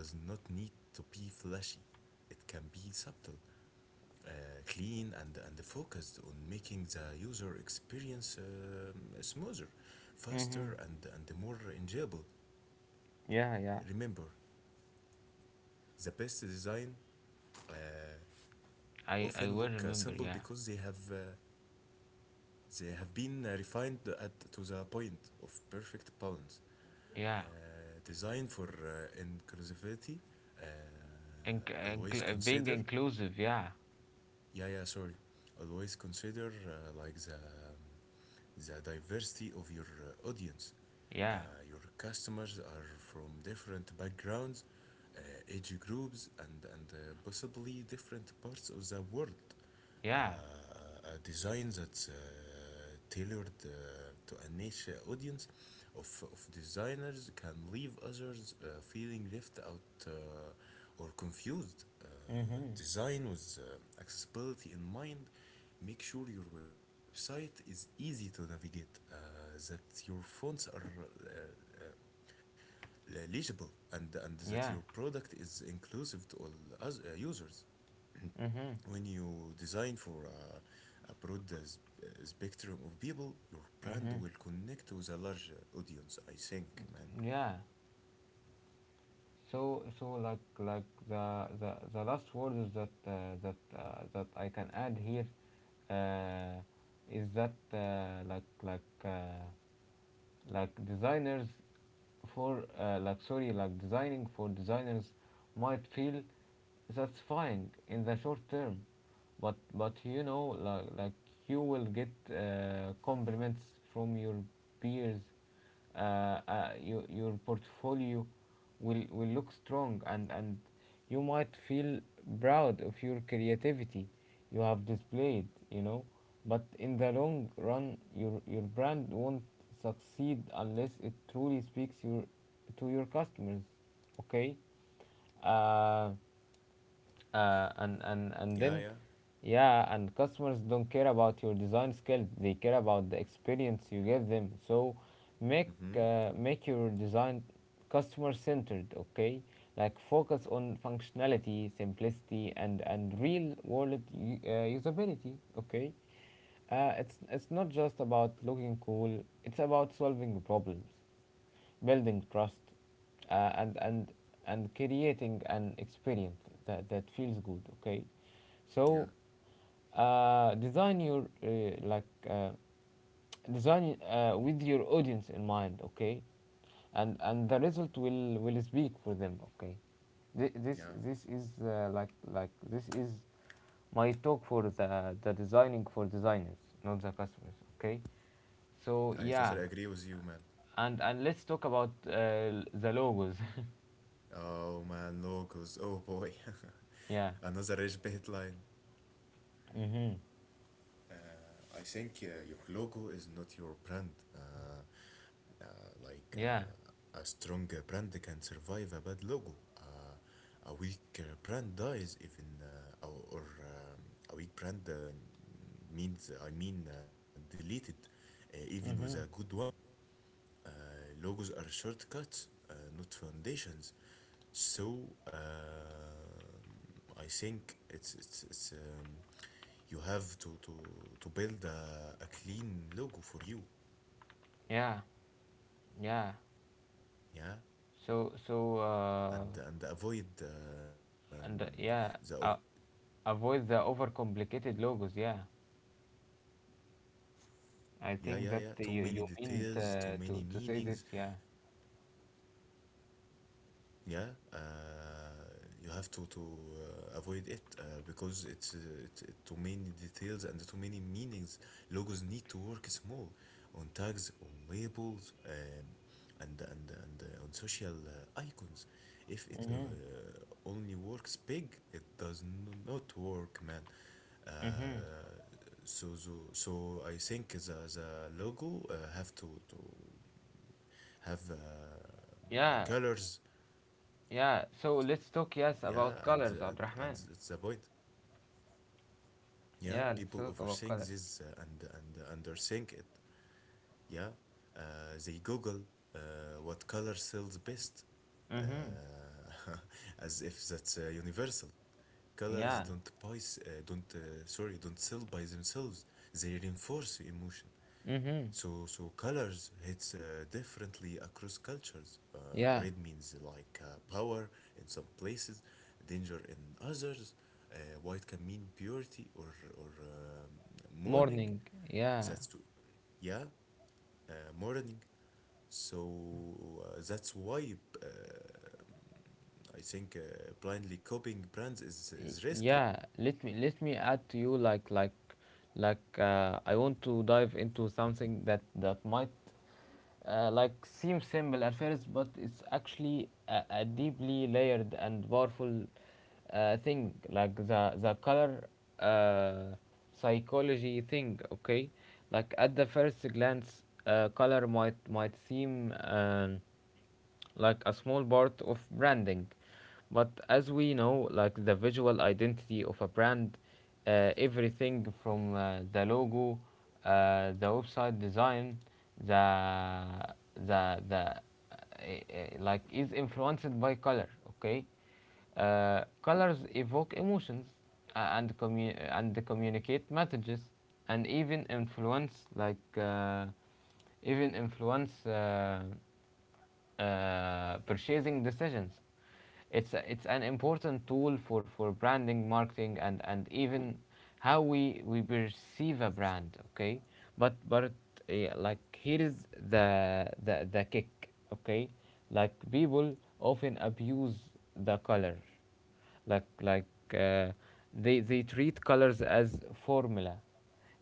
Speaker 2: It can be subtle, uh, clean, and and focused on making the user experience um, smoother, faster, and and more
Speaker 1: Mhm.
Speaker 2: enjoyable. Remember,
Speaker 1: Yeah. Yeah.
Speaker 2: the best design uh, often look
Speaker 1: I
Speaker 2: uh,
Speaker 1: I
Speaker 2: simple
Speaker 1: will
Speaker 2: because
Speaker 1: remember.
Speaker 2: they have
Speaker 1: Yeah.
Speaker 2: uh, they have been uh, refined at to the point of perfect balance. Uh,
Speaker 1: Yeah.
Speaker 2: design for uh, inclusivity. Uh,
Speaker 1: Inc-
Speaker 2: always
Speaker 1: incl- uh, being
Speaker 2: consider
Speaker 1: inclusive. Yeah.
Speaker 2: yeah yeah sorry always consider, uh, like the the diversity of your uh, audience. uh,
Speaker 1: Yeah.
Speaker 2: your customers are from different backgrounds, uh, age groups, and and uh, possibly different parts of the world. Uh,
Speaker 1: Yeah.
Speaker 2: a design that's uh, tailored uh, to a niche audience of, of designers can leave others uh, feeling left out uh, or confused. Uh,
Speaker 1: Mhm.
Speaker 2: design with uh, accessibility in mind. Make sure your website is easy to navigate, uh, that your fonts are uh, uh, uh, legible, and, and that
Speaker 1: Yeah.
Speaker 2: your product is inclusive to all us, uh, users.
Speaker 1: Mhm.
Speaker 2: When you design for uh, a broad uh, uh, spectrum of people, your
Speaker 1: Mhm.
Speaker 2: brand will connect with a large uh, audience, I think, man.
Speaker 1: Yeah. So so like like the the, the last word is that uh, that uh, that I can add here uh, is that, uh, like like uh, like, designers for uh, like, sorry, like designing for designers might feel satisfying in the short term, but but you know, like, like you will get uh, compliments from your peers. Uh, uh, you, your portfolio will, will look strong, and, and you might feel proud of your creativity you have displayed, you know. But in the long run, your, your brand won't succeed unless it truly speaks your, to your customers, okay? Uh, uh, and and and
Speaker 2: Yeah, yeah.
Speaker 1: then, yeah, and customers don't care about your design skills, they care about the experience you give them. So make
Speaker 2: Mm-hmm.
Speaker 1: uh, make your design customer centered. Okay, like focus on functionality, simplicity, and and real world u- uh, usability. Okay, uh, it's it's not just about looking cool, it's about solving problems, building trust, uh, and and and creating an experience that, that feels good. Okay,
Speaker 2: Yeah,
Speaker 1: so uh, design your uh, like uh, design uh, with your audience in mind. Okay, and and the result will will speak for them. Okay, Thi- this
Speaker 2: yeah.
Speaker 1: this is uh, like like this is my talk for the the designing for designers, not the customers. Okay, so
Speaker 2: I
Speaker 1: yeah.
Speaker 2: totally agree with you, man.
Speaker 1: and and let's talk about uh, the logos.
Speaker 2: Oh man, logos. Oh boy.
Speaker 1: Yeah.
Speaker 2: Another rich bait line.
Speaker 1: Mm-hmm.
Speaker 2: Uh, I think uh, your logo is not your brand. Uh, uh, like
Speaker 1: Yeah.
Speaker 2: uh, a strong uh, brand can survive a bad logo. Uh, a weak uh, brand dies even, uh, or, or um, a weak brand uh, means, I mean, uh, deleted, uh, even with a
Speaker 1: Mm-hmm.
Speaker 2: good one. Uh, Logos are shortcuts, uh, not foundations. So um, I think it's it's it's um, you have to to to build a a clean logo for you,
Speaker 1: Yeah, yeah,
Speaker 2: yeah,
Speaker 1: so so
Speaker 2: and and
Speaker 1: uh,
Speaker 2: avoid um, the ov-
Speaker 1: and uh, yeah, uh, avoid the overcomplicated logos. Yeah, I
Speaker 2: yeah, yeah,
Speaker 1: think
Speaker 2: yeah,
Speaker 1: that
Speaker 2: too
Speaker 1: you,
Speaker 2: many
Speaker 1: you mean uh,
Speaker 2: details, too many
Speaker 1: to to say
Speaker 2: meanings,
Speaker 1: this. Yeah.
Speaker 2: yeah. Uh, you have to to uh, avoid it uh, because it's uh, it, it too many details and too many meanings. Logos need to work small, on tags, on labels, um, and and and uh, on social uh, icons. If it uh,
Speaker 1: Mm-hmm.
Speaker 2: only works big, it does n- not work, man.
Speaker 1: Mm-hmm.
Speaker 2: Uh, so so so I think the the logo uh, have to to have uh,
Speaker 1: Yeah,
Speaker 2: colors.
Speaker 1: yeah, so let's talk, yes, about
Speaker 2: Yeah, and
Speaker 1: colors,
Speaker 2: the- and and
Speaker 1: Abdurrahman.
Speaker 2: it's the point. Yeah,
Speaker 1: Yeah, let's
Speaker 2: people
Speaker 1: talk about
Speaker 2: overthink
Speaker 1: colors.
Speaker 2: this uh, and and underthink it. Yeah, uh, they Google uh, what color sells best, uh,
Speaker 1: Mm-hmm.
Speaker 2: as if that's uh, universal. Colors
Speaker 1: Yeah.
Speaker 2: don't buy, s- uh, don't uh, sorry, don't sell by themselves. They reinforce emotion.
Speaker 1: Mm-hmm.
Speaker 2: So, so colors hits uh, differently across cultures. Uh,
Speaker 1: Yeah.
Speaker 2: red means like uh, power in some places, danger in others. Uh, white can mean purity or or um, mourning.
Speaker 1: Morning. Yeah.
Speaker 2: That's w- yeah, uh, mourning. So uh, that's why uh, I think uh, blindly copying brands is
Speaker 1: Y-
Speaker 2: is risky.
Speaker 1: yeah, let me let me add to you, like like like uh, I want to dive into something that that might uh, like seem simple at first, but it's actually a, a deeply layered and powerful uh, thing, like the the color uh, psychology thing. Okay, like at the first glance, uh, color might might seem um, like a small part of branding. But as we know, like the visual identity of a brand, uh, everything from uh, the logo, uh, the website design, the the the uh, uh, like, is influenced by color. Okay, uh, colors evoke emotions uh, and commu- and communicate messages, and even influence, like uh, even influence uh, uh, purchasing decisions. It's, a, it's an important tool for, for branding, marketing, and, and even how we, we perceive a brand, okay? But, but yeah, like, here is the, the, the kick, okay? Like, people often abuse the color, like like uh, they they treat colors as formula.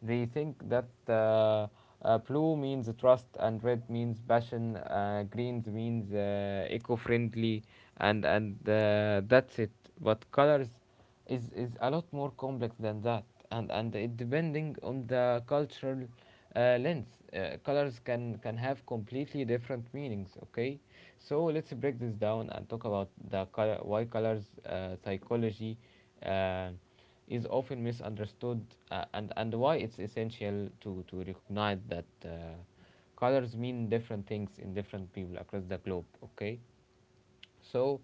Speaker 1: They think that uh, uh, blue means trust, and red means passion, uh, greens means uh, eco-friendly, and and uh, that's it. But colors is is a lot more complex than that, and and it depending on the cultural uh, lens, uh, colors can can have completely different meanings. Okay, so let's break this down and talk about the color, why colors uh, psychology uh, is often misunderstood, uh, and and why it's essential to to recognize that, uh, colors mean different things in different people across the globe. Okay, so,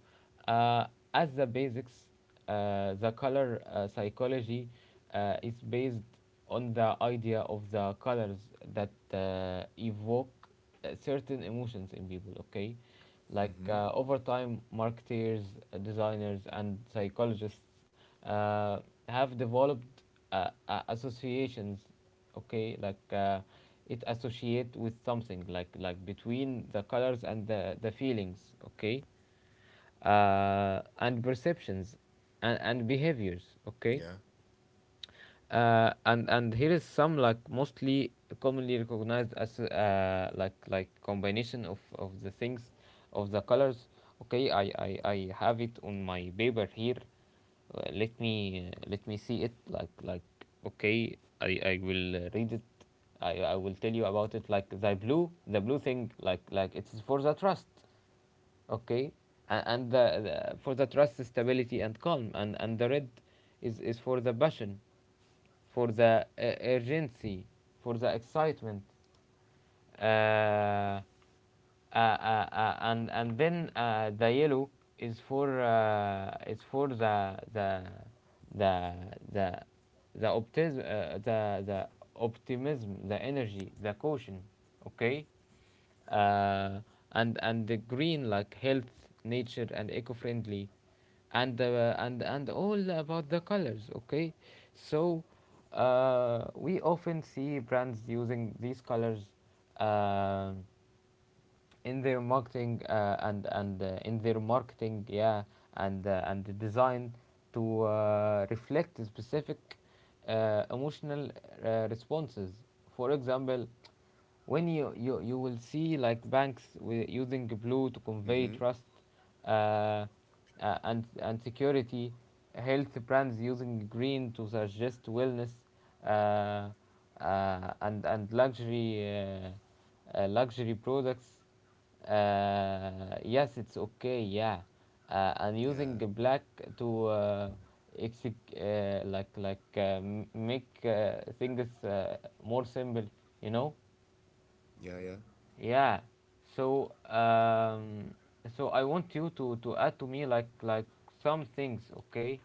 Speaker 1: uh, as the basics, uh, the color uh, psychology uh, is based on the idea of the colors that uh, evoke uh, certain emotions in people, okay? Like
Speaker 2: Mm-hmm.
Speaker 1: uh, over time, marketers, uh, designers, and psychologists uh, have developed uh, uh, associations, okay? Like uh,
Speaker 2: Mm-hmm.
Speaker 1: it associate with something, like like between the colors and the, the feelings, okay?
Speaker 2: Yeah.
Speaker 1: Uh, and perceptions and, and behaviors. Okay, uh, and and here is some, like, mostly commonly recognized as uh, like like combination of, of the things, of the colors. Okay, I, I, I have it on my paper here. Uh, let me uh, let me see it, like like okay, I, I will uh, read it. I, I will tell you about it, like, the blue, the blue thing, like like it's for the trust. Okay, and, and the, the for the trust, stability, and calm. and, and the red is, is for the passion, for the uh, urgency, for the excitement. Uh, uh, uh, uh, and and then uh, the yellow is for uh, is for the the the the the optimism, uh, the the optimism, the energy, the caution. Okay, uh, and and the green, like health, nature, and eco-friendly, and uh, and and all about the colors. Okay, so uh, we often see brands using these colors uh, in their marketing uh, and and uh, in their marketing, yeah, and uh, and the design to uh, reflect specific uh, emotional uh, responses. For example, when you, you, you will see like banks wi-
Speaker 2: Mm-hmm.
Speaker 1: using blue to convey trust, uh, uh, and, and security, health brands using green to suggest wellness, uh, uh, and, and luxury, uh, uh, luxury products. Uh, yes, it's okay, yeah. Uh, and
Speaker 2: Yeah.
Speaker 1: using black to uh, exec- uh, like like uh, m- make uh, things uh, more simple, you know.
Speaker 2: Yeah. Yeah.
Speaker 1: Yeah. So um, so I want you to to add to me, like like some things, okay?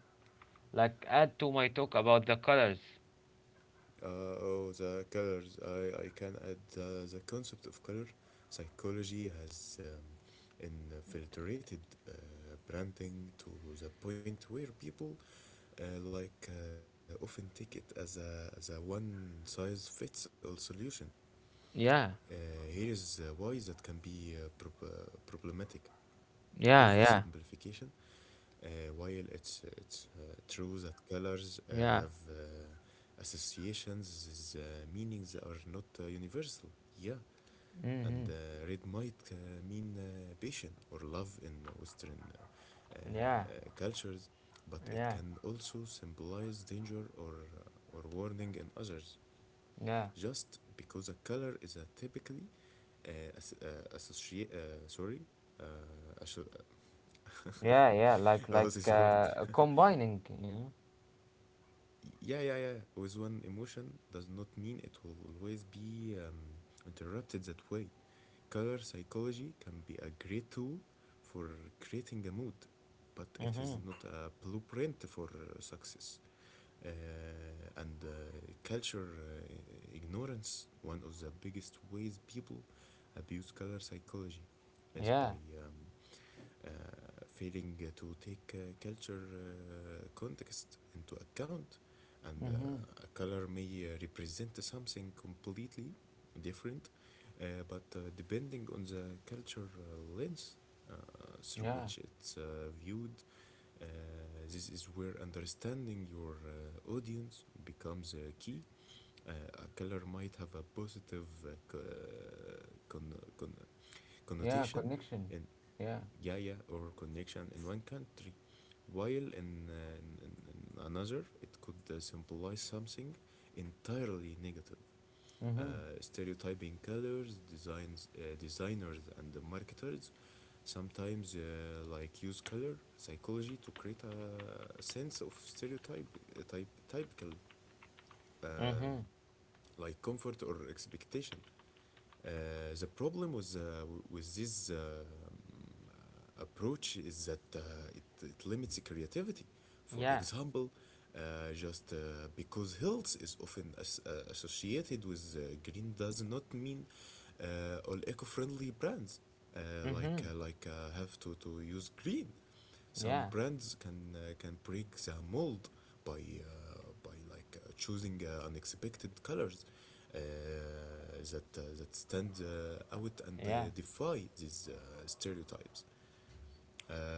Speaker 1: Like add to my talk about the colors.
Speaker 2: Uh, oh, the colors. I, I can add uh, the concept of color psychology has um, infiltrated uh, branding to the point where people uh, like uh, often take it as a, as a one size fits all solution. Uh,
Speaker 1: Yeah.
Speaker 2: Here is uh, why that can be uh, prob- uh, problematic.
Speaker 1: Yeah. Yeah.
Speaker 2: Oversimplification: uh, while it's it's uh, true that colors uh, have uh,
Speaker 1: Yeah.
Speaker 2: associations, these uh, meanings are not uh, universal. Yeah, and
Speaker 1: Mhm.
Speaker 2: uh, red might uh, mean uh, passion or love in Western uh, uh,
Speaker 1: Yeah.
Speaker 2: cultures, but it
Speaker 1: Yeah.
Speaker 2: can also symbolize danger or uh, or warning in others.
Speaker 1: Yeah.
Speaker 2: Just because a color is a typically uh, as, uh, associate, uh, sorry, uh, asso-
Speaker 1: Yeah. Yeah. Like
Speaker 2: what is
Speaker 1: like
Speaker 2: this word?
Speaker 1: uh, combining, you know.
Speaker 2: Yeah, yeah, yeah, with one emotion does not mean it will always be um, interrupted that way. Color psychology can be a great tool for creating a mood, but it is
Speaker 1: Mhm.
Speaker 2: not a blueprint for success. Uh, and uh, Culture uh, ignorance: one of the biggest ways people abuse color psychology is
Speaker 1: Yeah.
Speaker 2: by um, uh, failing to take uh, culture uh, context into account. And uh,
Speaker 1: Mhm.
Speaker 2: a color may uh, represent something completely different, uh, but uh, depending on the culture uh, lens uh, through
Speaker 1: Yeah.
Speaker 2: which it's uh, viewed, uh, this is where understanding your uh, audience becomes uh, key. Uh, a color might have a positive uh, con- con-
Speaker 1: Yeah.
Speaker 2: connotation
Speaker 1: Connection.
Speaker 2: in
Speaker 1: Yeah.
Speaker 2: yaya or connection in one country, while in, uh, in, in, in another it could uh, symbolize something entirely negative.
Speaker 1: Mhm.
Speaker 2: Uh, stereotyping colors, designs, uh, designers and the marketers sometimes uh, like use color psychology to create a a sense of stereotype, uh, type, typical, um,
Speaker 1: Mhm.
Speaker 2: like comfort or expectation. Uh, the problem with uh, with this um, uh, approach is that uh, it, it limits creativity. For
Speaker 1: Yeah.
Speaker 2: example, uh, just uh, because health is often as, uh, associated with uh, green does not mean uh, all eco-friendly brands uh, like
Speaker 1: Mhm.
Speaker 2: uh, like uh, have to, to use green. Some
Speaker 1: Yeah.
Speaker 2: brands can uh, can break the mold by uh, by like uh, choosing uh, unexpected colors uh, that uh, that stand uh, out and
Speaker 1: Yeah.
Speaker 2: uh, defy these uh, stereotypes,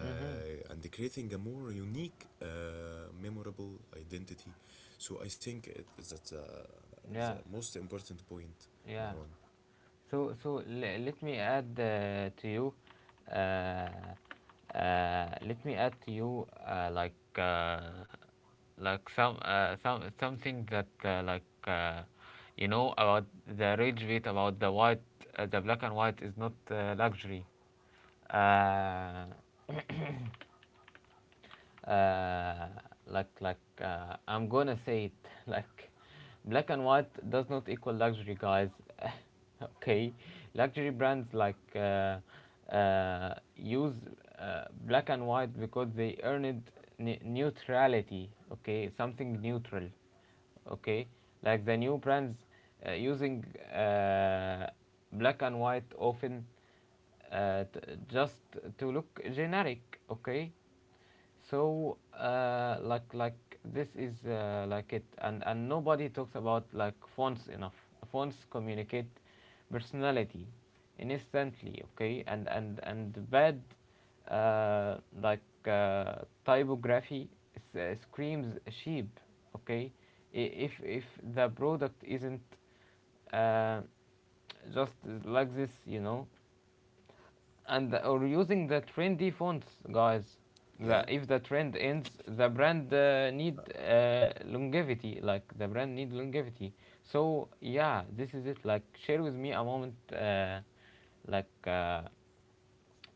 Speaker 1: Mhm.
Speaker 2: and creating a more unique, uh, memorable identity. So I think it, that's uh, the
Speaker 1: Yeah.
Speaker 2: most important point,
Speaker 1: Yeah.
Speaker 2: Marwan.
Speaker 1: So, so le- let me add uh, to you, uh, uh, let me add to you uh, like uh, like some uh, some something that uh, like uh, you know, about the rage bait, about the white, uh, the black and white is not uh, luxury. Uh, uh, like like uh, I'm gonna say it, like, black and white does not equal luxury, guys. Okay, luxury brands, like uh, uh, use uh, black and white because they earned ne- neutrality. Okay, something neutral. Okay, like the new brands uh, using uh, black and white often uh, t- just to look generic. Okay, so, uh, like, like this is uh, like it, and and nobody talks about like fonts enough. Fonts communicate personality instantly, okay, and and and bad, uh, like uh, typography s- uh, screams sheep, okay. I- If if the product isn't uh, just like this, you know, and or using the trendy fonts, guys. The,
Speaker 2: Yeah,
Speaker 1: if the trend ends, the brand uh, need uh, longevity. Like the brand need longevity. So yeah, this is it. Like share with me a moment, uh, like uh,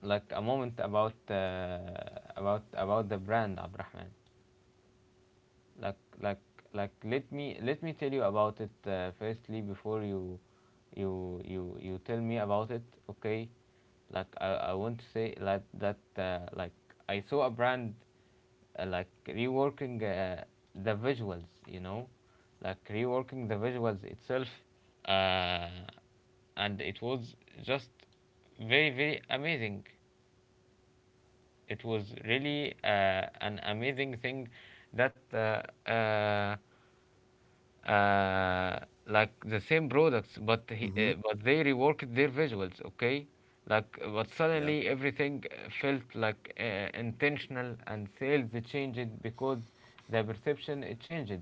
Speaker 1: like a moment about uh, about about the brand, Abrahman.
Speaker 2: yeah.
Speaker 1: Like like like let me let me tell you about it uh, firstly, before you you you you tell me about it. Okay, like, I, I want to say like that, uh, like, I saw a brand uh, like reworking uh, the visuals, you know, like reworking the visuals itself, uh, and it was just very very amazing. It was really uh, an amazing thing that uh, uh, uh, like the same products, but
Speaker 2: Mm-hmm.
Speaker 1: he, uh, but they reworked their visuals, okay? Like, but
Speaker 2: Yeah,
Speaker 1: suddenly everything uh, felt like uh, intentional, and sales changed because the perception it changed,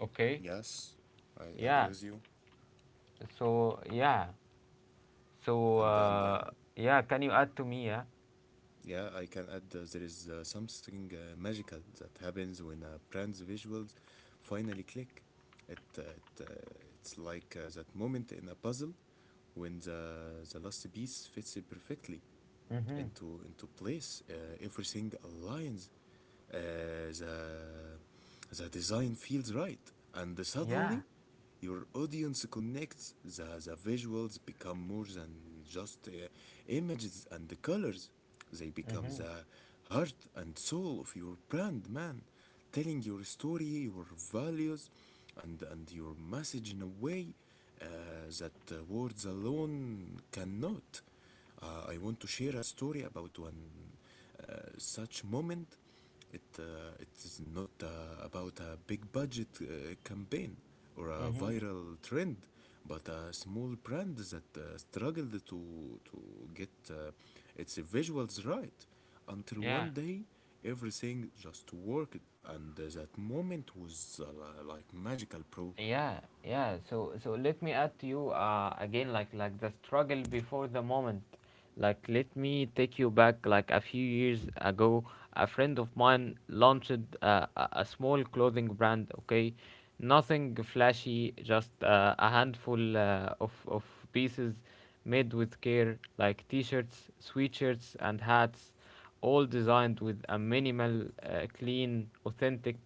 Speaker 1: okay?
Speaker 2: yes, I agree with
Speaker 1: Yeah.
Speaker 2: you.
Speaker 1: So yeah. So
Speaker 2: And and uh,
Speaker 1: uh, yeah. Can you add to me? Yeah.
Speaker 2: Yeah, I can add uh, there is uh, something uh, magical that happens when a brand's visuals finally click. It, uh, it uh, it's like uh, that moment in a puzzle when the the last piece fits it perfectly
Speaker 1: Mhm.
Speaker 2: into into place. Uh, everything aligns. Uh, the the design feels right, and
Speaker 1: Yeah.
Speaker 2: suddenly your audience connects. The the visuals become more than just uh, images and the colors. They become
Speaker 1: Mhm.
Speaker 2: the heart and soul of your brand, man, telling your story, your values, and and your message in a way uh, that uh, words alone cannot. Uh, I want to share a story about one uh, such moment. It, uh, it is not uh, about a big budget uh, campaign or a
Speaker 1: Mhm.
Speaker 2: viral trend, but a small brand that uh, struggled to, to get uh, its visuals right until
Speaker 1: Yeah.
Speaker 2: one day everything just worked, and that moment was uh, like magical pro.
Speaker 1: Yeah, yeah. So so let me add to you uh, again like like the struggle before the moment. Like let me take you back like a few years ago. A friend of mine launched uh, a, a small clothing brand. Okay, nothing flashy, just uh, a handful uh, of of pieces made with care, like t-shirts, sweatshirts, and hats, all designed with a minimal, uh, clean, authentic.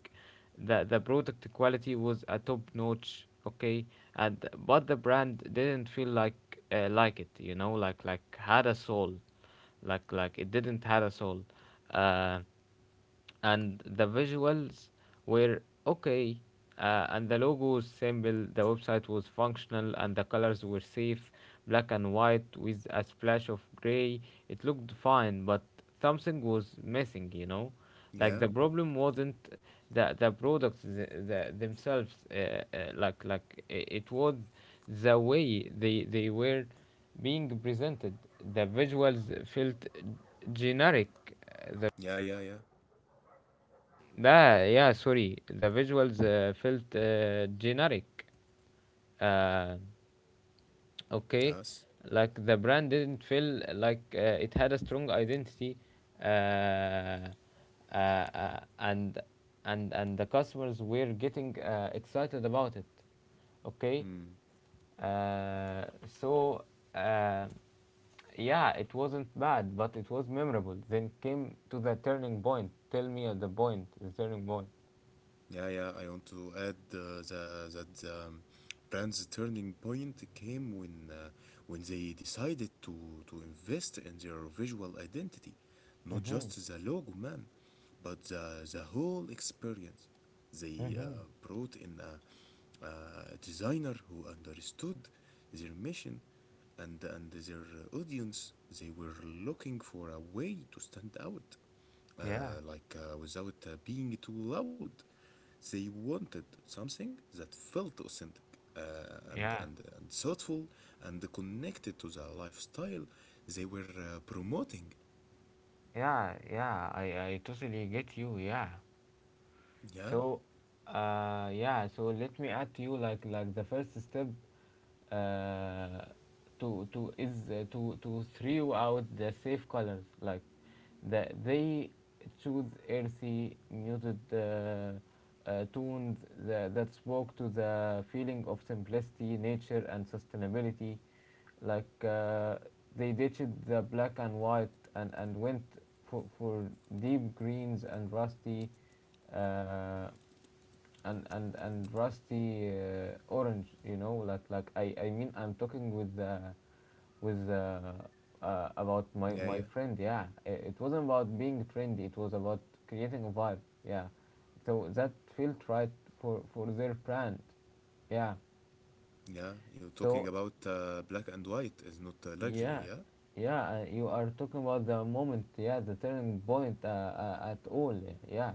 Speaker 1: The the product quality was a top notch, okay, and but the brand didn't feel like uh, like it you know like like had a soul, like like it didn't had a soul. uh, and the visuals were okay. Uh, and the logo was simple, the website was functional, and the colors were safe, black and white with a splash of gray. It looked fine, but something was missing, you know, like
Speaker 2: Yeah,
Speaker 1: the problem wasn't the the products, the, the themselves. uh, uh, like like i- it was the way they they were being presented. The visuals felt generic. Uh, the
Speaker 2: yeah, yeah, yeah,
Speaker 1: ah, yeah Sorry, the visuals uh, felt uh, generic, uh, okay.
Speaker 2: yes.
Speaker 1: Like the brand didn't feel like uh, it had a strong identity. uh, uh, uh, and and and the customers were getting uh, excited about it, okay.
Speaker 2: Hmm.
Speaker 1: uh, so uh, yeah, it wasn't bad but it was memorable. Then came to the turning point. Tell me at the point, the turning point.
Speaker 2: Yeah, yeah. I want to add uh, the, that the um, brand's turning point came when uh, when they decided to to invest in their visual identity, not
Speaker 1: Mm-hmm.
Speaker 2: just the logo, man, but the the whole experience. They
Speaker 1: Mm-hmm.
Speaker 2: uh, brought in a a designer who understood their mission and and their audience. They were looking for a way to stand out
Speaker 1: Yeah,
Speaker 2: uh, like uh, without uh, being too loud. They wanted something that felt authentic uh, and,
Speaker 1: yeah,
Speaker 2: and, uh, and thoughtful and connected to the lifestyle they were uh, promoting.
Speaker 1: yeah. Yeah, i i totally get you. Yeah.
Speaker 2: Yeah,
Speaker 1: So, uh, yeah. So let me add to you like like the first step uh, to to is uh, to to throw out the safe colors. Like, the, they choose earthy, muted, uh, uh, tones that, that spoke to the feeling of simplicity, nature and sustainability. Like, uh, they ditched the black and white and, and went for, for deep greens and rusty, uh, and and and rusty uh, orange, you know, like like i i mean, I'm talking with uh, with uh, uh, about my
Speaker 2: yeah,
Speaker 1: my
Speaker 2: yeah,
Speaker 1: friend. Yeah, it, it wasn't about being trendy, it was about creating a vibe. Yeah, so that felt right for for their brand. Yeah.
Speaker 2: yeah. You're talking
Speaker 1: So
Speaker 2: about uh, black and white is not uh, luxury.
Speaker 1: yeah,
Speaker 2: Yeah,
Speaker 1: yeah, uh, you are talking about the moment, yeah, the turning point uh, uh, at all, yeah,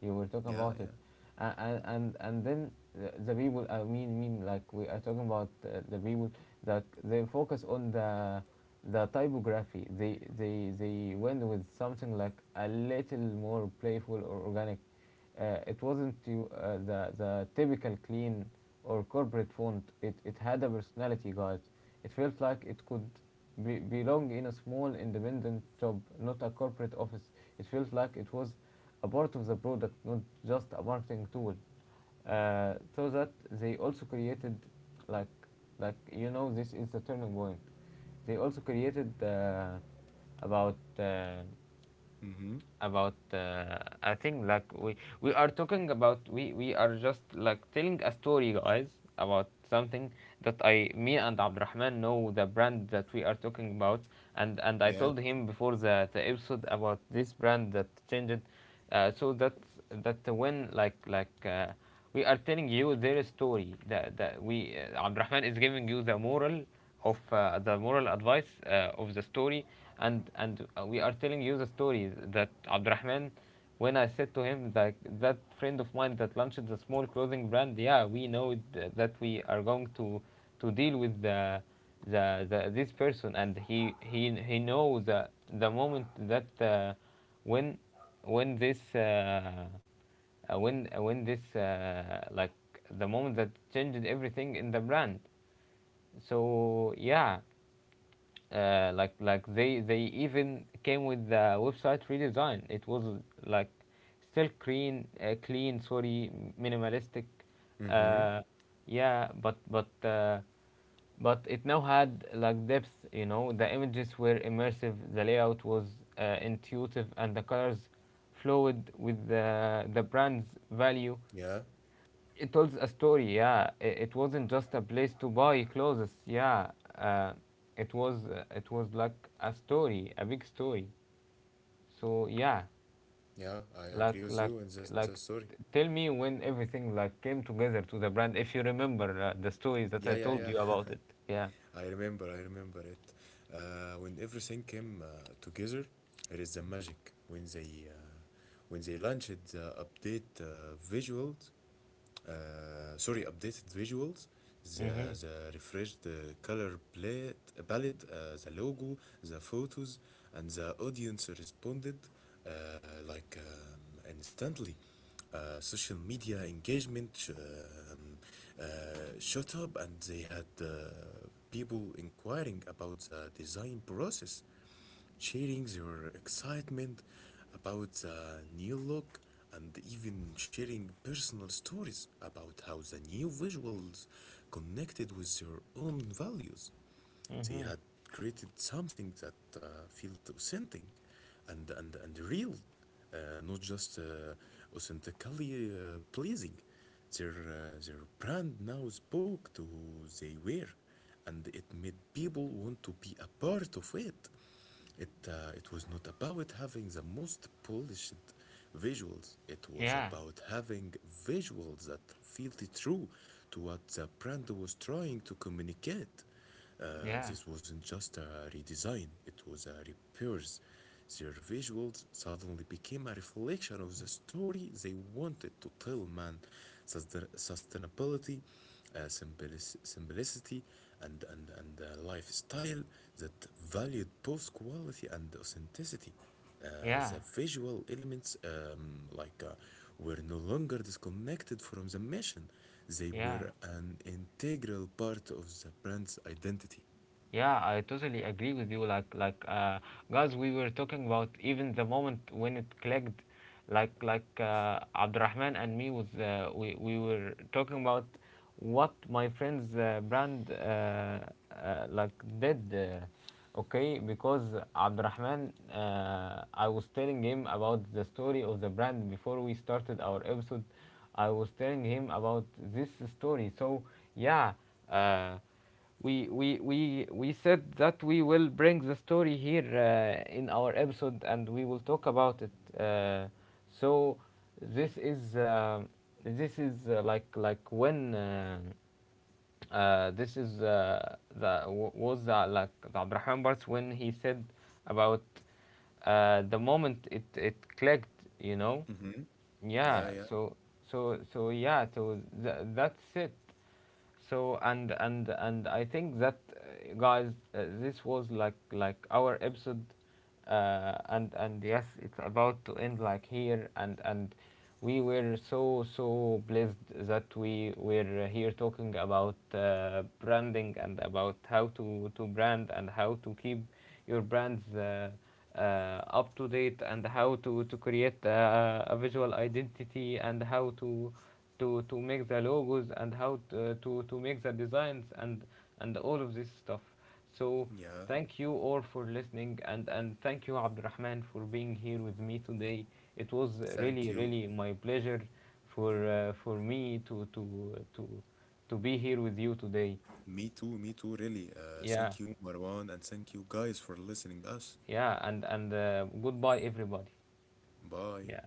Speaker 1: you were talking
Speaker 2: yeah,
Speaker 1: about it.
Speaker 2: yeah.
Speaker 1: Uh, and and and then the, the people, I mean, mean like we are talking about uh, the people that they focus on the the typography. They they they went with something like a little more playful or organic. Uh, it wasn't you, uh, the the typical clean or corporate font. It it had a personality, guys. It felt like it could be, belong in a small independent job, not a corporate office. It felt like it was a part of the product, not just a marketing tool. Uh, so that they also created, like like you know, this is the turning point. They also created uh, about. Uh,
Speaker 2: Mm-hmm.
Speaker 1: about, uh, I think like we we are talking about, we we are just like telling a story, guys, about something that I, me and Abdurrahman know the brand that we are talking about. and and I
Speaker 2: Yeah.
Speaker 1: told him before the the episode about this brand that changed. Uh, so that, that when like like uh, we are telling you their story, that, that we, uh, Abdurrahman is giving you the moral of, uh, the moral advice uh, of the story. and and uh, we are telling you the story that Abdurrahman, when I said to him that that friend of mine that launched the small clothing brand, yeah, we know th- that we are going to to deal with the the, the this person, and he he he knows the the moment that uh, when when this uh, uh, when uh, when this uh, like the moment that changed everything in the brand. So yeah, uh, like like they they even came with the website redesign. It was like still clean, uh, clean, sorry, minimalistic.
Speaker 2: Mm-hmm.
Speaker 1: uh, yeah, but but uh, but it now had like depth, you know. The images were immersive, the layout was uh, intuitive, and the colors flowed with the, the brand's value.
Speaker 2: Yeah.
Speaker 1: It tells a story. Yeah, it, it wasn't just a place to buy clothes. Yeah, uh, it was, uh, it was like a story, a big story. So yeah,
Speaker 2: Yeah. I
Speaker 1: like
Speaker 2: agree with
Speaker 1: like
Speaker 2: you in that uh,
Speaker 1: like
Speaker 2: story.
Speaker 1: t- tell me when everything like came together to the brand, if you remember uh, the stories that
Speaker 2: Yeah,
Speaker 1: I
Speaker 2: yeah,
Speaker 1: told
Speaker 2: yeah.
Speaker 1: you about it. Yeah.
Speaker 2: I remember, I remember it. Uh, when everything came uh, together, it is the magic when they uh, when they launched the update uh, visuals uh, sorry updated visuals, the
Speaker 1: Mhm.
Speaker 2: the refreshed uh, color plate, palette, uh, the logo, the photos, and the audience responded uh, like um, instantly. Uh, social media engagement sh- um, uh, shot up, and they had uh, people inquiring about the design process, sharing their excitement about the new look, and even sharing personal stories about how the new visuals connected with their own values. They
Speaker 1: Mhm.
Speaker 2: had created something that uh, felt authentic and, and, and real, uh, not just uh, authentically uh, pleasing. Their, uh, their brand now spoke to who they were, and it made people want to be a part of it. It, uh, it was not about having the most polished visuals. It was
Speaker 1: Yeah.
Speaker 2: about having visuals that felt true to what the brand was trying to communicate. Uh,
Speaker 1: Yeah,
Speaker 2: this wasn't just a redesign, it was a repairs. Their visuals suddenly became a reflection of the story they wanted to tell, man. Sustain- sustainability, uh, simplic- simplicity, and, and, and a lifestyle that valued both quality and authenticity. Uh,
Speaker 1: yeah.
Speaker 2: the visual elements, um, like, uh, were no longer disconnected from the mission. They
Speaker 1: Yeah.
Speaker 2: were an integral part of the brand's identity.
Speaker 1: Yeah, I totally agree with you. Like, like, uh, guys, we were talking about even the moment when it clicked, like, like, uh, Abdurrahman and me was, uh, we, we were talking about what my friend's uh, brand, uh, uh, like, did. Uh, okay, because Abdurrahman, uh, I was telling him about the story of the brand before we started our episode. I was telling him about this story. So, yeah, uh we we we we said that we will bring the story here uh, in our episode, and we will talk about it. Uh, so this is, uh, this is, uh, like like when, uh, uh, this is, uh, the wa- was the, like the Abraham Bartz, when he said about, uh, the moment it it clicked, you know.
Speaker 2: Mm-hmm. Yeah,
Speaker 1: Yeah.
Speaker 2: yeah,
Speaker 1: So so so yeah, so th- that's it. So and and and I think that, uh, guys, uh, this was like like our episode. uh, and and yes, it's about to end like here. and and we were so, so blessed that we were here talking about uh, branding, and about how to, to brand, and how to keep your brands uh, uh, up to date, and how to, to create uh, a visual identity, and how to to, to make the logos, and how to, to, to make the designs, and, and all of this stuff. So
Speaker 2: yeah.
Speaker 1: thank you all for listening, and, and thank you Abdurrahman for being here with me today. It was really,
Speaker 2: Thank you.
Speaker 1: really my pleasure for, uh, for me to to to to be here with you today.
Speaker 2: Me too, me too, really. Uh,
Speaker 1: Yeah,
Speaker 2: thank you, Marwan, and thank you guys for listening us.
Speaker 1: yeah, and and uh, goodbye everybody.
Speaker 2: Bye.
Speaker 1: Yeah.